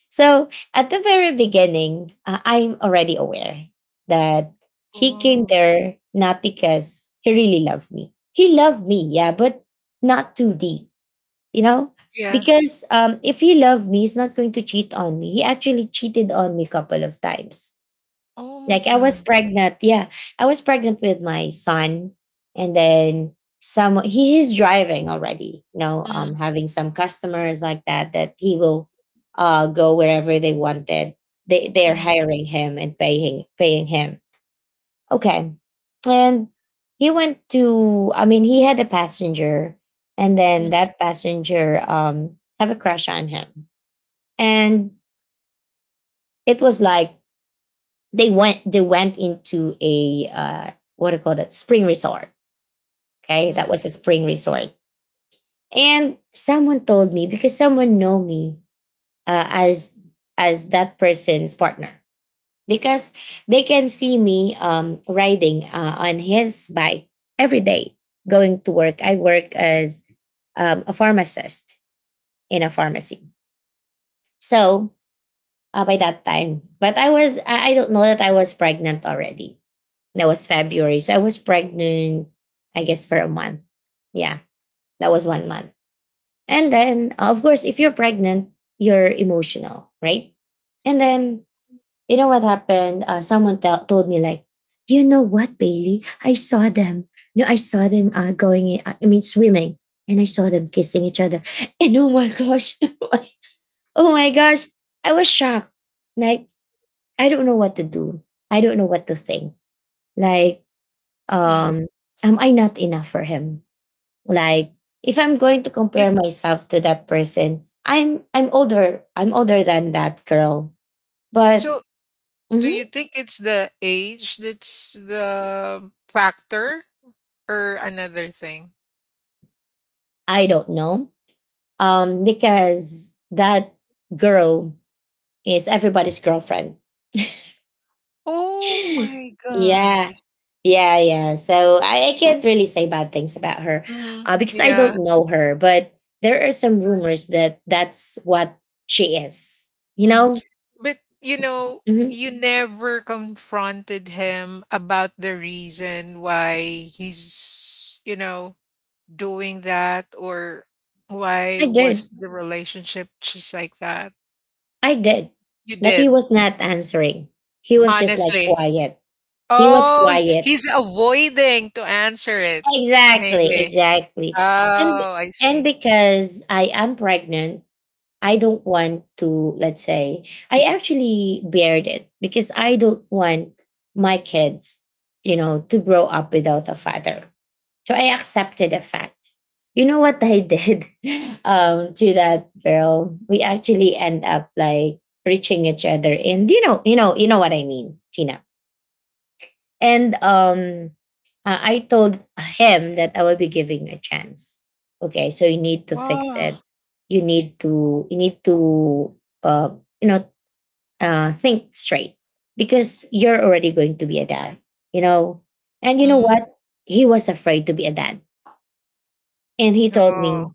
Speaker 1: So at the very beginning, uh, I'm already aware that
Speaker 2: Oh,
Speaker 1: he came
Speaker 2: oh,
Speaker 1: there not because he really loved me. He loved me, yeah, but not too deep, you know?
Speaker 2: yeah.
Speaker 1: Because um, if he loved me, he's not going to cheat on me. He actually cheated on me a couple of times,
Speaker 2: Oh my
Speaker 1: like I was
Speaker 2: god.
Speaker 1: pregnant. Yeah, I was pregnant with my son, and then some. He is driving already. You know,
Speaker 2: Mhm,
Speaker 1: um, having some customers like that that he will, uh, go wherever they wanted. They they're
Speaker 2: mhm,
Speaker 1: hiring him and paying paying him. Okay, and he went to. I mean, he had a passenger, and then
Speaker 2: mhm,
Speaker 1: that passenger um have a crush on him, and it was like they went they went into a uh, what do you call that spring resort. Okay, that
Speaker 2: mhm,
Speaker 1: was a spring resort, and someone told me because someone know me uh, as as that person's partner because they can see me um, riding uh, on his bike every day going to work. I work as um, a pharmacist in a pharmacy. So uh, by that time, but I was I, I don't know that I was pregnant already. That was February. So I was pregnant, I guess, for a month. Yeah, that was one month. And then, of course, if you're pregnant, you're emotional, right? And then, you know what happened? Uh, someone tell told me, like, you know what, Bailey? I saw them. No, I saw them uh, going, in- uh, I mean, swimming, and I saw them kissing each other. And oh my gosh, oh my gosh, I was shocked. Like, I don't know what to do. I don't know what to think. Like,
Speaker 2: mhm.
Speaker 1: um am I not enough for him? Like, if I'm going to
Speaker 2: But
Speaker 1: compare myself to that person, i'm i'm older. I'm older than that girl. But
Speaker 2: so do
Speaker 1: mhm,
Speaker 2: you think it's the age that's the factor or another thing?
Speaker 1: I don't know. Um because that girl is everybody's girlfriend.
Speaker 2: Oh my
Speaker 1: Yeah.
Speaker 2: gosh.
Speaker 1: Yeah yeah so I, I can't really say bad things about her,
Speaker 2: Mhm,
Speaker 1: uh, because I
Speaker 2: yeah,
Speaker 1: don't know her. But there are some rumors that that's what she is, you
Speaker 2: Mhm.
Speaker 1: know.
Speaker 2: But you know,
Speaker 1: Hmm.
Speaker 2: you never confronted him about the reason why he's, you know, doing that or why
Speaker 1: I
Speaker 2: was
Speaker 1: did.
Speaker 2: the relationship just like that?
Speaker 1: I did,
Speaker 2: You
Speaker 1: but he
Speaker 2: did,
Speaker 1: was not answering. He was just like
Speaker 2: honestly.
Speaker 1: quiet. He was
Speaker 2: Oh,
Speaker 1: quiet.
Speaker 2: he's avoiding to answer it.
Speaker 1: Exactly,
Speaker 2: Maybe.
Speaker 1: exactly.
Speaker 2: Oh,
Speaker 1: And
Speaker 2: I see.
Speaker 1: and because I am pregnant, I don't want to, let's say, I actually bared it because I don't want my kids, you know, to grow up without a father. So I accepted the fact. You know what I did, um, to that girl? We actually end up like reaching each other, and you know, you know, you know what I mean, Tina. And um, uh, I told him that I will be giving a chance. Okay, so you need to fix
Speaker 2: Wow.
Speaker 1: it. You need to you need to uh, you know, uh, think straight because you're already going to be a dad. You know, and you know
Speaker 2: Mm.
Speaker 1: what? He was afraid to be a dad, and he told
Speaker 2: Oh,
Speaker 1: me,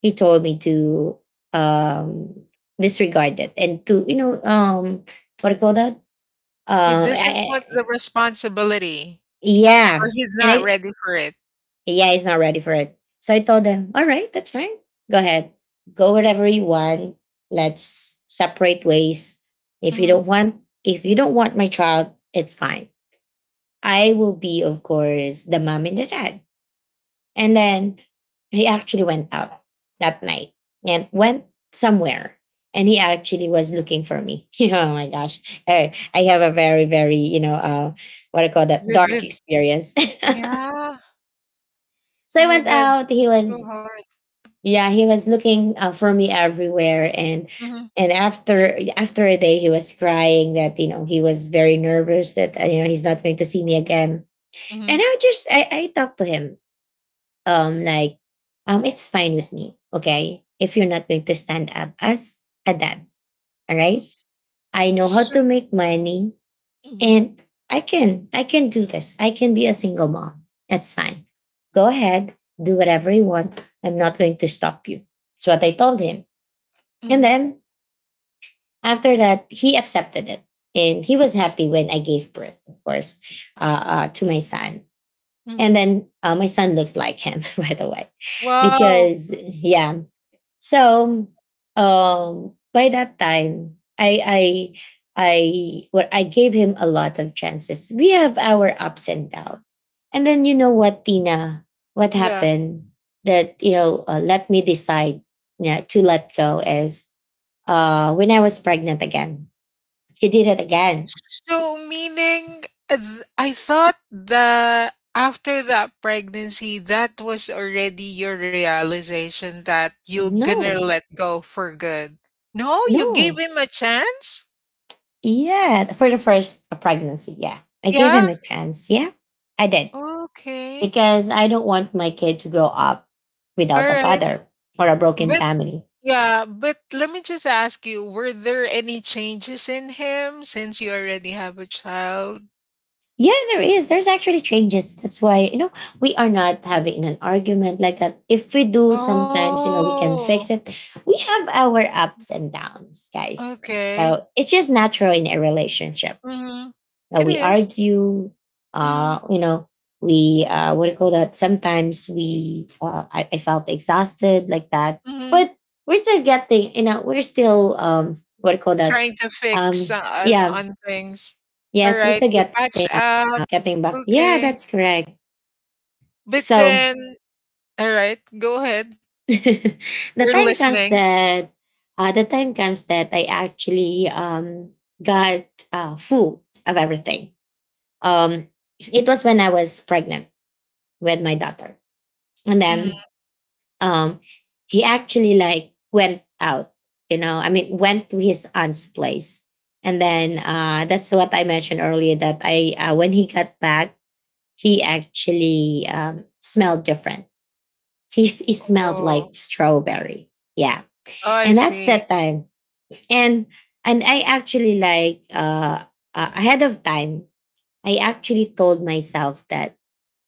Speaker 1: he told me to um disregard it and to, you know, um what do you call that
Speaker 2: he
Speaker 1: um
Speaker 2: doesn't want the
Speaker 1: I,
Speaker 2: responsibility,
Speaker 1: yeah.
Speaker 2: or he's
Speaker 1: and I
Speaker 2: not ready for it.
Speaker 1: Yeah, he's not ready for it. So I told him, all right, that's fine. Go ahead, go wherever you want. Let's separate ways. If you
Speaker 2: Mhm.
Speaker 1: don't want, if you don't want my child, it's fine. I will be, of course, the mom and the dad. And then he actually went out that night and went somewhere. And he actually was looking for me. Oh my gosh. I, I have a very, very, you know, uh, what I call that,
Speaker 2: With,
Speaker 1: dark
Speaker 2: with
Speaker 1: experience.
Speaker 2: yeah.
Speaker 1: So
Speaker 2: Oh
Speaker 1: I
Speaker 2: my
Speaker 1: went
Speaker 2: god,
Speaker 1: out. He
Speaker 2: it's so
Speaker 1: was,
Speaker 2: hard.
Speaker 1: yeah, he was looking uh, for me everywhere. And
Speaker 2: Mhm,
Speaker 1: and after after a day, he was crying that, you know, he was very nervous that, uh, you know, he's not going to see me again. And
Speaker 2: mhm.
Speaker 1: I just I, I talked to him, um like um it's fine with me. Okay, if you're not going to stand up as a dad, all right, I know how
Speaker 2: So
Speaker 1: to make money.
Speaker 2: mhm,
Speaker 1: And i can i can do this. I can be a single mom. That's fine. Go ahead. Do whatever you want. I'm not going to stop you. That's what I told him. And
Speaker 2: mhm,
Speaker 1: then after that, he accepted it. And he was happy when I gave birth, of course, uh, uh, to my son. And
Speaker 2: mhm.
Speaker 1: then uh, my son looks like him, by the way,
Speaker 2: Wow.
Speaker 1: because yeah. So um by that time, I I I well I gave him a lot of chances. We have our ups and downs. And then you know what, Tina, what
Speaker 2: Yeah.
Speaker 1: happened that, you know, uh, let me decide, yeah, to let go is uh when I was pregnant again. He did it again.
Speaker 2: So meaning uh, th I thought that after that pregnancy, that was already your realization that you're gonna
Speaker 1: No,
Speaker 2: let go for good. No, you gave
Speaker 1: no.
Speaker 2: him a chance?
Speaker 1: Yeah, for the first pregnancy, yeah. I gave
Speaker 2: Yeah.
Speaker 1: him a chance. Yeah, I did.
Speaker 2: Okay.
Speaker 1: Because I don't want my kid to grow up
Speaker 2: All
Speaker 1: without a
Speaker 2: right.
Speaker 1: father or a broken
Speaker 2: But
Speaker 1: family.
Speaker 2: yeah, but let me just ask you, were there any changes in him since you already have a child?
Speaker 1: Yeah, there is. There's actually changes. That's why, you know, we are not having an argument like that. If we do, sometimes, you know, we can
Speaker 2: Oh,
Speaker 1: fix it. We have our ups and downs, guys.
Speaker 2: okay.
Speaker 1: So it's just natural in a relationship.
Speaker 2: Mhm.
Speaker 1: Uh,
Speaker 2: It
Speaker 1: we
Speaker 2: is.
Speaker 1: argue,
Speaker 2: Mhm,
Speaker 1: uh you know we, uh what do you call that sometimes we, uh I, I felt exhausted like that.
Speaker 2: mhm.
Speaker 1: But we're still getting, you know, we're still, um what do you call that
Speaker 2: Trying to fix
Speaker 1: um
Speaker 2: on
Speaker 1: yeah,
Speaker 2: on things. All
Speaker 1: yes, we're
Speaker 2: right,
Speaker 1: still
Speaker 2: you
Speaker 1: getting,
Speaker 2: patch
Speaker 1: uh,
Speaker 2: up.
Speaker 1: uh, getting back, yeah,
Speaker 2: Okay.
Speaker 1: that's correct.
Speaker 2: But
Speaker 1: So
Speaker 2: then, all right, go ahead.
Speaker 1: the
Speaker 2: We're
Speaker 1: time comes
Speaker 2: listening.
Speaker 1: that uh the time comes that I actually um got uh full of everything. um it was when I was pregnant with my daughter. And
Speaker 2: Mhm.
Speaker 1: then um he actually like went out, you know, I mean, went to his aunt's place. And then uh that's what I mentioned earlier, that I uh, when he got back, he actually um smelled different. He, he smelled
Speaker 2: Oh,
Speaker 1: like strawberry. Yeah.
Speaker 2: oh, I
Speaker 1: And that's
Speaker 2: see.
Speaker 1: that time. and and I actually like, uh uh, ahead of time, I actually told myself that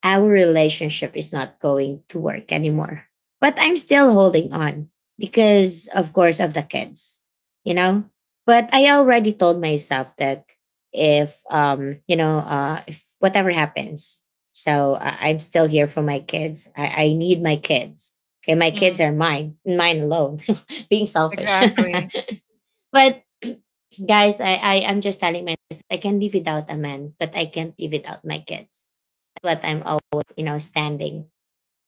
Speaker 1: our relationship is not going to work anymore. But I'm still holding on because, of course, of the kids, you know? But I already told myself that if, um, you know, uh, if whatever happens, so uh, I'm still here for my kids. I, I need my kids. Okay, my
Speaker 2: Mhm.
Speaker 1: kids are mine, mine alone, being selfish.
Speaker 2: Exactly.
Speaker 1: But guys, I, I, I'm just telling myself I can live without a man, but I can't live without my kids, what I'm always, you know, standing.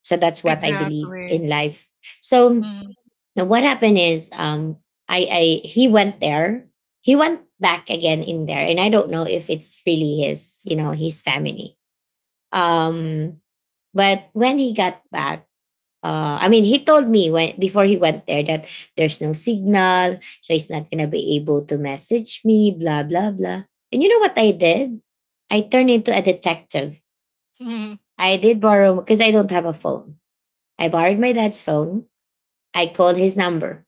Speaker 1: So that's what I believe
Speaker 2: Exactly.
Speaker 1: in life. So
Speaker 2: Mhm,
Speaker 1: now what happened is, um I I he went there. He went back again in there. And I don't know if it's really his, you know, his family. Um but when he got back, uh, I mean, he told me when before he went there that there's no signal, so he's not gonna be able to message me, blah blah blah. And you know what I did? I turned into a detective.
Speaker 2: mhm,
Speaker 1: I did borrow because I don't have a phone. I borrowed my dad's phone. I called his number.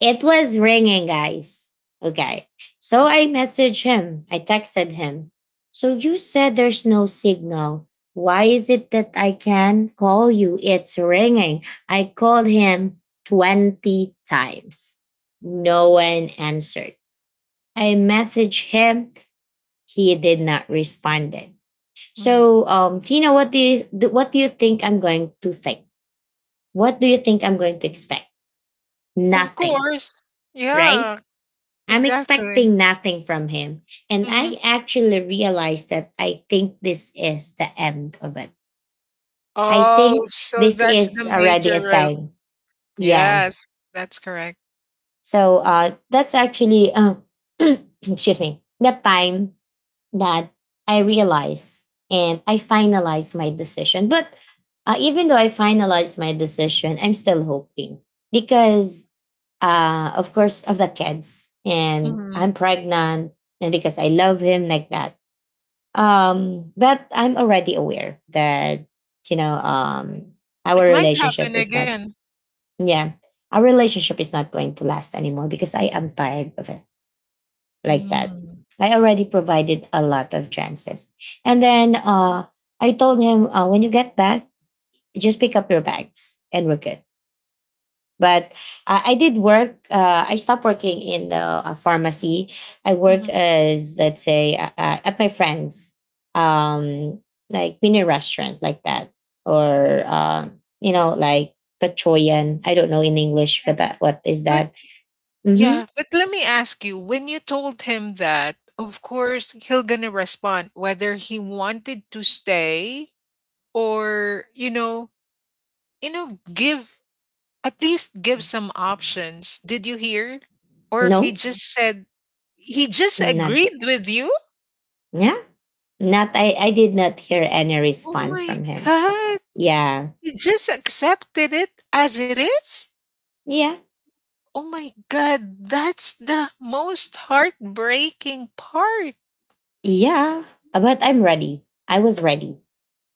Speaker 1: It was ringing, guys. Okay. So I messaged him. I texted him. So you said there's no signal. Why is it that I can call you? It's ringing. I called him twenty times. No one answered. I messaged him. He did not respond.
Speaker 2: mhm.
Speaker 1: So, um, Tina, what do you what do you think I'm going to think? What do you think I'm going to expect?
Speaker 2: Of
Speaker 1: Nothing,
Speaker 2: course.
Speaker 1: right?
Speaker 2: Yeah,
Speaker 1: I'm
Speaker 2: exactly.
Speaker 1: expecting nothing from him. And I
Speaker 2: Mm.
Speaker 1: actually realized that I think this is the end of it. I
Speaker 2: Oh,
Speaker 1: think
Speaker 2: so
Speaker 1: this
Speaker 2: that's
Speaker 1: is
Speaker 2: the
Speaker 1: already a
Speaker 2: major rel—
Speaker 1: sign. Yeah.
Speaker 2: Yes, that's correct.
Speaker 1: So uh, that's actually, uh, excuse me, the time that I realize and I finalize my decision. But uh, even though I finalize my decision, I'm still hoping because, uh, of course, of the kids and I'm
Speaker 2: Mhm.
Speaker 1: pregnant and because I love him like that. Um, but I'm already aware that, you know, um, our
Speaker 2: It might
Speaker 1: relationship
Speaker 2: happen
Speaker 1: is not,
Speaker 2: again.
Speaker 1: yeah, our relationship is not going to last anymore because I am tired of it like that.
Speaker 2: Mm.
Speaker 1: I already provided a lot of chances. And then uh, I told him, uh, when you get back, just pick up your bags and we're good. But uh, I did work. Uh, I stopped working in the uh, pharmacy. I work
Speaker 2: Mhm.
Speaker 1: as, let's say, uh, uh, at my friend's, um, like mini restaurant like that. Or, uh, you know, like Pachoyan. I don't know in English
Speaker 2: Yeah.
Speaker 1: for that. What is
Speaker 2: But
Speaker 1: that? Mm-hmm.
Speaker 2: yeah, but let me ask you, when you told him that, of course, he'll gonna respond whether he wanted to stay or, you know, you know, give— at least give some options. Did you hear? Or he
Speaker 1: No,
Speaker 2: just said, he just
Speaker 1: not.
Speaker 2: agreed with you?
Speaker 1: Yeah. Not I I did not hear any
Speaker 2: Oh
Speaker 1: response
Speaker 2: my
Speaker 1: from him.
Speaker 2: God.
Speaker 1: Yeah.
Speaker 2: He just accepted it as it is?
Speaker 1: Yeah.
Speaker 2: Oh my God. That's the most heartbreaking part.
Speaker 1: Yeah. But I'm ready. I was ready.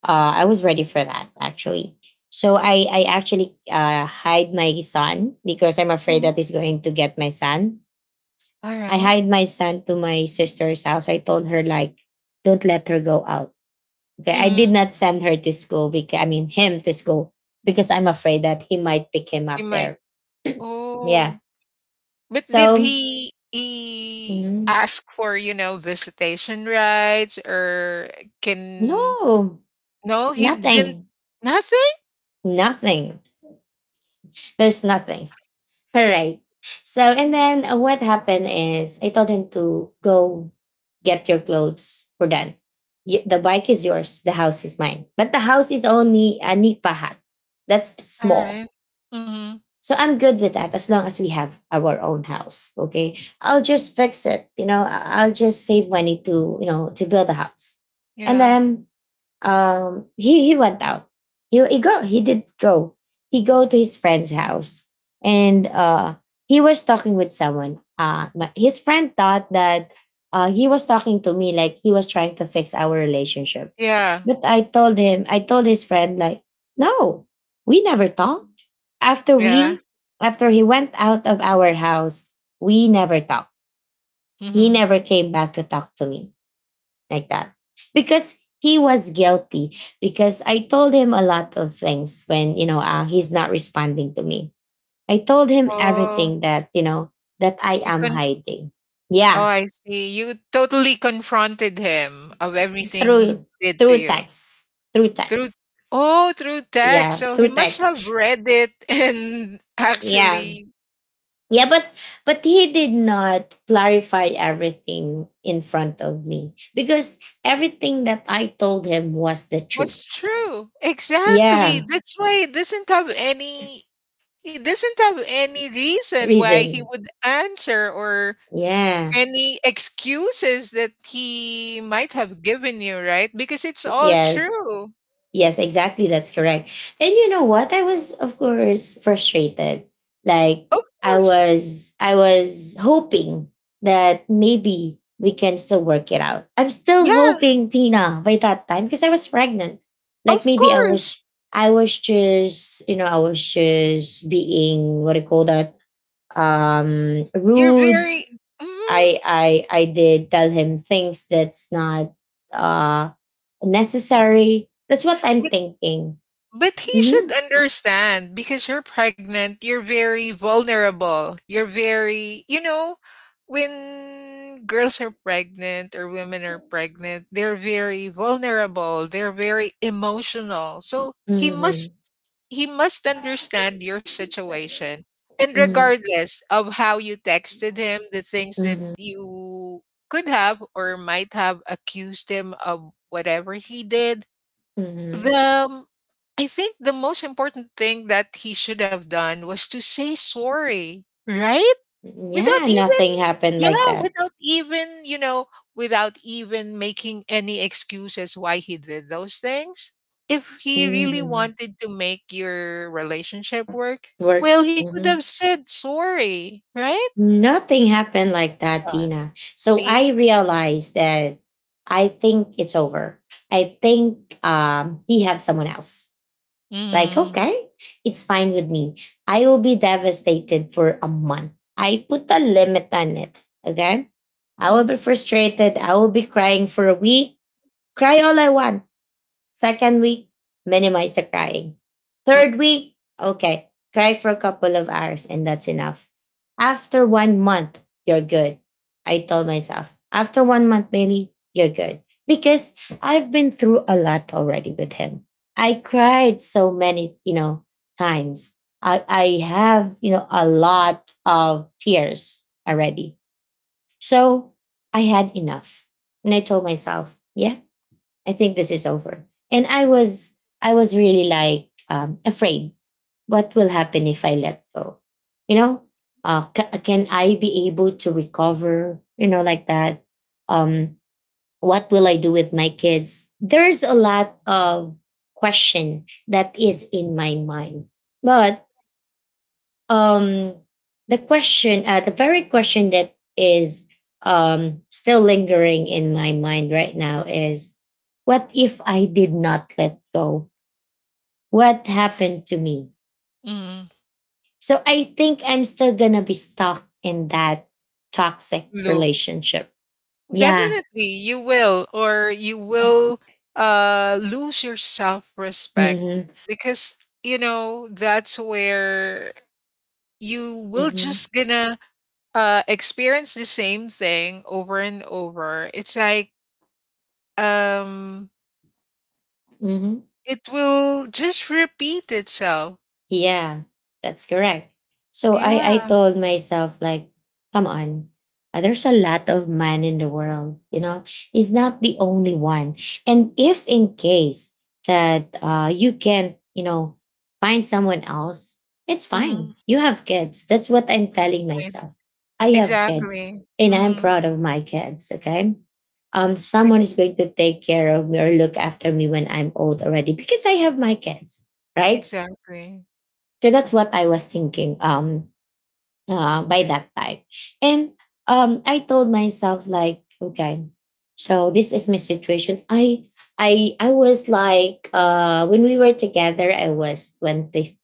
Speaker 1: Uh I was ready for that actually. So I I actually uh hide my son because I'm afraid
Speaker 2: Mhm.
Speaker 1: that he's going to get my son.
Speaker 2: All
Speaker 1: I
Speaker 2: right.
Speaker 1: hide my son to my sister's house. I told her like, don't let her go out. Okay. I did
Speaker 2: Mm,
Speaker 1: not send her to school, because I mean him to school, because I'm afraid that he might pick him
Speaker 2: he
Speaker 1: up
Speaker 2: might.
Speaker 1: there.
Speaker 2: Oh,
Speaker 1: Yeah.
Speaker 2: but did
Speaker 1: So
Speaker 2: he he
Speaker 1: mhm.
Speaker 2: ask for, you know, visitation rights or can—
Speaker 1: No,
Speaker 2: no, he didn't,
Speaker 1: nothing.
Speaker 2: nothing?
Speaker 1: Nothing. There's nothing. All right. So, and then uh, what happened is I told him to go get your clothes. We're done. Y- The bike is yours. The house is mine. But the house is only a nipahat. That's small.
Speaker 2: Alright. Mhm.
Speaker 1: So I'm good with that as long as we have our own house. Okay. I'll just fix it. You know, I- I'll just save money to, you know, to build a house. And
Speaker 2: Yeah.
Speaker 1: then um he he went out. He he go he did go he go to his friend's house. And uh he was talking with someone. Uh my- his friend thought that uh he was talking to me, like he was trying to fix our relationship.
Speaker 2: Yeah,
Speaker 1: But I told him, I told his friend, like, no, we never talked. after
Speaker 2: yeah.
Speaker 1: we After he went out of our house, we never talked. He
Speaker 2: Mhm.
Speaker 1: never came back to talk to me like that, because he was guilty, because I told him a lot of things when, you know, uh, he's not responding to me. I told him
Speaker 2: Oh,
Speaker 1: everything that, you know, that I
Speaker 2: you
Speaker 1: am
Speaker 2: can.
Speaker 1: hiding.
Speaker 2: Oh,
Speaker 1: Yeah.
Speaker 2: I see. You totally confronted him of everything he
Speaker 1: through
Speaker 2: did to
Speaker 1: Through
Speaker 2: you
Speaker 1: text. Through
Speaker 2: through—
Speaker 1: text.
Speaker 2: oh, through text.
Speaker 1: Yeah,
Speaker 2: So he
Speaker 1: through
Speaker 2: must
Speaker 1: text.
Speaker 2: have read it and
Speaker 1: Yeah.
Speaker 2: actually
Speaker 1: Yeah but but he did not clarify everything in front of me because everything that I told him was the truth.
Speaker 2: what's true. Exactly.
Speaker 1: Yeah.
Speaker 2: That's why he doesn't have any— he doesn't have any reason why he
Speaker 1: Reason.
Speaker 2: would answer or
Speaker 1: Yeah.
Speaker 2: any excuses that he might have given you, right? Because it's all
Speaker 1: Yes.
Speaker 2: true.
Speaker 1: Yes, exactly. That's correct. And you know what? I was, of course, frustrated. Like,
Speaker 2: Of
Speaker 1: I
Speaker 2: course.
Speaker 1: was, I was hoping that maybe we can still work it out. I'm still
Speaker 2: Yeah,
Speaker 1: hoping, Tina, by that time, because I was pregnant. Like,
Speaker 2: of
Speaker 1: maybe I
Speaker 2: course.
Speaker 1: was, I was just, you know, I was just being, what do you call that? Um,
Speaker 2: You're
Speaker 1: rude.
Speaker 2: very, mm,
Speaker 1: I I I did tell him things that's not uh necessary. That's what I'm
Speaker 2: but
Speaker 1: thinking.
Speaker 2: but he
Speaker 1: Mm-hmm.
Speaker 2: should understand because you're pregnant, you're very vulnerable. You're very, you know, when girls are pregnant or women are pregnant, they're very vulnerable, they're very emotional. So he
Speaker 1: Mm-hmm.
Speaker 2: must— he must understand your situation. And
Speaker 1: Mm-hmm.
Speaker 2: regardless of how you texted him, the things that
Speaker 1: Mm-hmm.
Speaker 2: you could have or might have accused him of whatever he did,
Speaker 1: Mm-hmm.
Speaker 2: the um, I think the most important thing that he should have done was to say sorry, right? Without
Speaker 1: Yeah,
Speaker 2: even—
Speaker 1: nothing happened like
Speaker 2: yeah,
Speaker 1: that.
Speaker 2: without even, you know, without even making any excuses why he did those things. If he really
Speaker 1: Mm-hmm.
Speaker 2: wanted to make your relationship work,
Speaker 1: Work.
Speaker 2: well, he could
Speaker 1: Mm-hmm.
Speaker 2: have said sorry, right?
Speaker 1: Nothing happened like that,
Speaker 2: Uh,
Speaker 1: Tina. So I
Speaker 2: see?
Speaker 1: realized that I think it's over. I think um, he have someone else. Like,
Speaker 2: Mm,
Speaker 1: okay, it's fine with me. I will be devastated for a month. I put a limit on it. Okay. I will
Speaker 2: mm,
Speaker 1: be frustrated. I will be crying for a week. Cry all I want. Second week, minimize the crying. Third week, okay, cry for a couple of hours, and that's enough. After one month, you're good. I told myself, after one month, Bailey, you're good. Because I've been through a lot already with him. I cried so many, you know, times. I, I have, you know, a lot of tears already. So I had enough. And I told myself, yeah, I think this is over. And I was I was really, like, um, afraid. What will happen if I let go? You know, uh, ca- can I be able to recover? You know, like that. Um, what will I do with my kids? There's a lot of question that is in my mind, but um the question uh the very question that is um still lingering in my mind right now is, what if I did not let go? What happened to me?
Speaker 2: mm.
Speaker 1: So I think I'm still gonna be stuck in that toxic
Speaker 2: Loop.
Speaker 1: relationship. Yeah.
Speaker 2: Definitely, you will, or you will uh, lose your self respect
Speaker 1: Mm-hmm.
Speaker 2: because, you know, that's where you will
Speaker 1: Mm-hmm.
Speaker 2: just gonna, uh, experience the same thing over and over. It's like, um,
Speaker 1: Mm-hmm.
Speaker 2: it will just repeat itself.
Speaker 1: Yeah, that's correct. So I, I
Speaker 2: Yeah.
Speaker 1: told myself, like, come on, uh, there's a lot of man in the world, you know. He's not the only one. And if in case that uh, you can't, you know, find someone else, it's
Speaker 2: Mhm,
Speaker 1: fine. You have kids. That's what I'm telling
Speaker 2: right.
Speaker 1: myself. I have kids,
Speaker 2: Exactly.
Speaker 1: and I'm
Speaker 2: Mhm,
Speaker 1: proud of my kids, okay? Um, someone is going to take care of me or look after me when I'm old already, because I have my kids, right?
Speaker 2: exactly.
Speaker 1: So that's what I was thinking, um uh, by that time. And um I told myself, like, okay, so this is my situation. I I I was like, uh when we were together I was twenty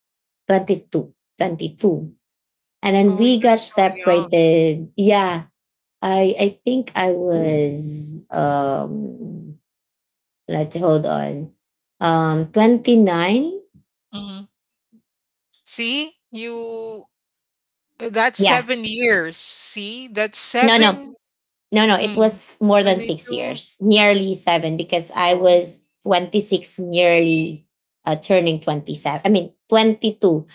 Speaker 1: twenty two, twenty two and then
Speaker 2: Oh, you're
Speaker 1: we got
Speaker 2: so young.
Speaker 1: separated. Yeah. I I think I was um let's hold on. Um twenty nine.
Speaker 2: Mhm. See, you uh, that's
Speaker 1: Yeah.
Speaker 2: seven years. See, that's
Speaker 1: No, no.
Speaker 2: 7,
Speaker 1: No, no, it
Speaker 2: mm,
Speaker 1: was more than six
Speaker 2: twenty-two.
Speaker 1: years, nearly seven, because I
Speaker 2: Oh,
Speaker 1: was twenty six, nearly uh, turning twenty seven. I mean, twenty two,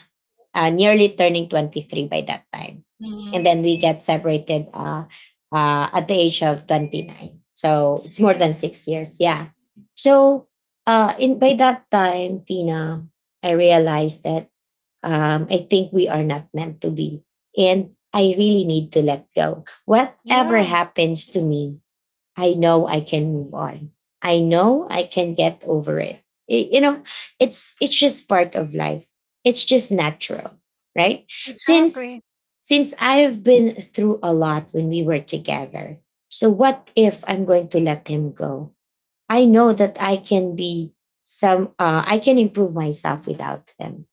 Speaker 1: uh, nearly turning twenty three by that time. And
Speaker 2: mhm.
Speaker 1: then we got separated, uh, uh, at the age of twenty nine. So it's more
Speaker 2: See?
Speaker 1: than six years. Yeah. So, uh, in by that time, Tina, I realized that, um, I think we are not meant to be. And I really need to let go. Whatever
Speaker 2: Yeah,
Speaker 1: happens to me, I know I can move on. I know I can get over it. I- you know, it's it's just part of life. It's just natural, right? Since
Speaker 2: exactly.
Speaker 1: since I've been through a lot when we were together. So what if I'm going to let him go? I know that I can be some, uh, I can improve myself without him,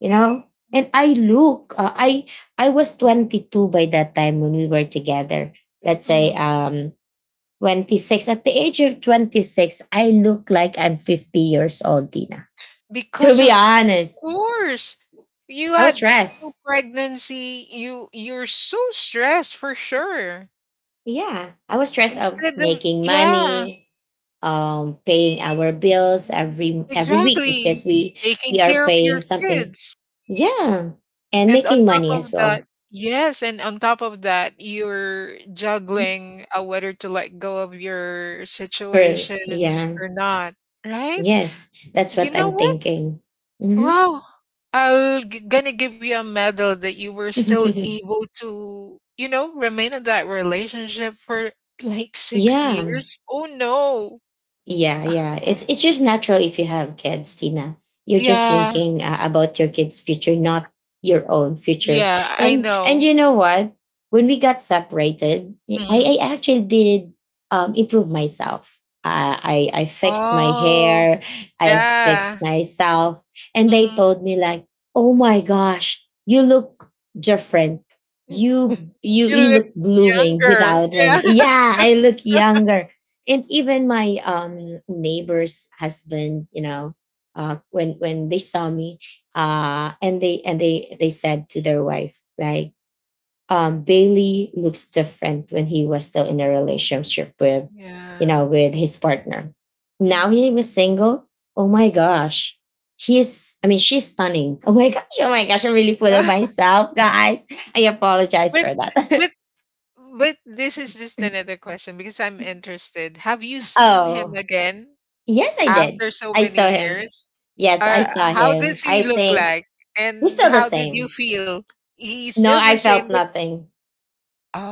Speaker 1: you know. And i look uh, i i was twenty two by that time when we were together. Let's say,
Speaker 2: Mhm.
Speaker 1: um twenty six. At the age of twenty six, I look like I'm fifty years old, Tina. To
Speaker 2: Because
Speaker 1: be
Speaker 2: of— of
Speaker 1: honest,
Speaker 2: course, you
Speaker 1: I was
Speaker 2: had two
Speaker 1: stressed.
Speaker 2: pregnancy, you you're so stressed for sure.
Speaker 1: Yeah, I was stressed of
Speaker 2: Instead of—
Speaker 1: making
Speaker 2: yeah,
Speaker 1: money, um paying our bills every every week,
Speaker 2: exactly.
Speaker 1: because we
Speaker 2: Taking
Speaker 1: we are
Speaker 2: care of your
Speaker 1: paying something.
Speaker 2: kids.
Speaker 1: Yeah. And
Speaker 2: And on
Speaker 1: making
Speaker 2: top of
Speaker 1: money as
Speaker 2: that,
Speaker 1: well.
Speaker 2: yes, and on top of that, you're juggling uh, whether to let go of your
Speaker 1: Really,
Speaker 2: situation
Speaker 1: yeah.
Speaker 2: or not, right?
Speaker 1: Yes, that's what
Speaker 2: You know
Speaker 1: I'm
Speaker 2: what?
Speaker 1: thinking. Hmm.
Speaker 2: Wow. I'll g- gonna give you a medal that you were still able to, you know, remain in that relationship for like six
Speaker 1: Yeah.
Speaker 2: years. Oh no.
Speaker 1: Yeah, yeah. It's it's just natural if you have kids, Tina. You're just
Speaker 2: Yeah.
Speaker 1: thinking, uh, about your kids' future, not your own future.
Speaker 2: Yeah, I
Speaker 1: And and
Speaker 2: know.
Speaker 1: you know what? When we got separated,
Speaker 2: Hmm.
Speaker 1: I I actually did, um, improve myself. Uh, I I fixed my
Speaker 2: Oh,
Speaker 1: hair. I fixed
Speaker 2: yeah.
Speaker 1: myself, and they
Speaker 2: Hmm.
Speaker 1: told me, like, "Oh my gosh, you look different. You you
Speaker 2: You
Speaker 1: you
Speaker 2: look
Speaker 1: look blooming
Speaker 2: younger.
Speaker 1: without him.
Speaker 2: Yeah.
Speaker 1: Yeah, I look younger." And even my um neighbor's husband, you know, uh when when they saw me, uh and they and they they said to their wife, like, um Bailey looks different. When he was still in a relationship with, you
Speaker 2: Yeah.
Speaker 1: know, with his partner, now
Speaker 2: Mhm.
Speaker 1: he was single. Oh my gosh, he's I mean she's stunning. Oh my gosh, oh my gosh, I'm really full of myself, guys. I apologize
Speaker 2: But
Speaker 1: for that.
Speaker 2: but but this is just another question because I'm interested. Have you seen him
Speaker 1: Oh.
Speaker 2: again
Speaker 1: Yes, I did.
Speaker 2: after so
Speaker 1: I saw
Speaker 2: many
Speaker 1: him.
Speaker 2: years?
Speaker 1: Yes, I
Speaker 2: Uh,
Speaker 1: saw
Speaker 2: how
Speaker 1: him.
Speaker 2: does
Speaker 1: I
Speaker 2: he look
Speaker 1: think
Speaker 2: like?
Speaker 1: he's
Speaker 2: And
Speaker 1: still the
Speaker 2: how did you
Speaker 1: same.
Speaker 2: feel? He's
Speaker 1: No,
Speaker 2: still the
Speaker 1: I
Speaker 2: same,
Speaker 1: felt
Speaker 2: but
Speaker 1: nothing.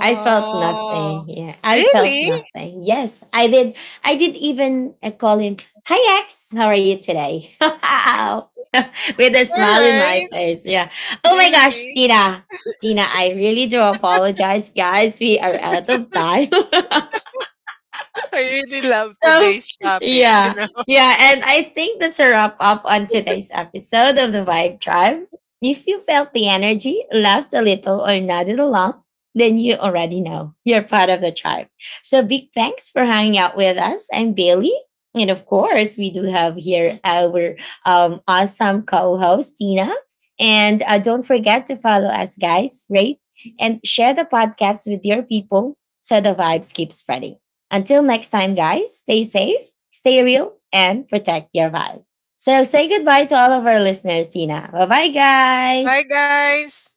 Speaker 1: I felt nothing. Yeah, I felt
Speaker 2: really?
Speaker 1: nothing. Yes, I did. I did even, uh, call him. Hi, ex. How are you today? With a
Speaker 2: All
Speaker 1: smile in my
Speaker 2: right,
Speaker 1: face. Yeah. Oh my gosh,
Speaker 2: really.
Speaker 1: Tina. Tina, I really do apologize, guys. We are out of time.
Speaker 2: I really love
Speaker 1: So,
Speaker 2: today's topic, you
Speaker 1: yeah.
Speaker 2: know.
Speaker 1: Yeah. And I think that's a wrap up on today's episode of the Vibe Tribe. If you felt the energy, laughed a little, or nodded along, then you already know you're part of the tribe. So, big thanks for hanging out with us. I'm Bailey. And of course, we do have here our um, awesome co host, Tina. And uh, don't forget to follow us, guys, rate and share the podcast with your people so the vibes keep spreading. Until next time, guys, stay safe, stay real, and protect your vibe. So say goodbye to all of our listeners, Tina. Bye bye,
Speaker 2: Bye,
Speaker 1: guys.
Speaker 2: guys.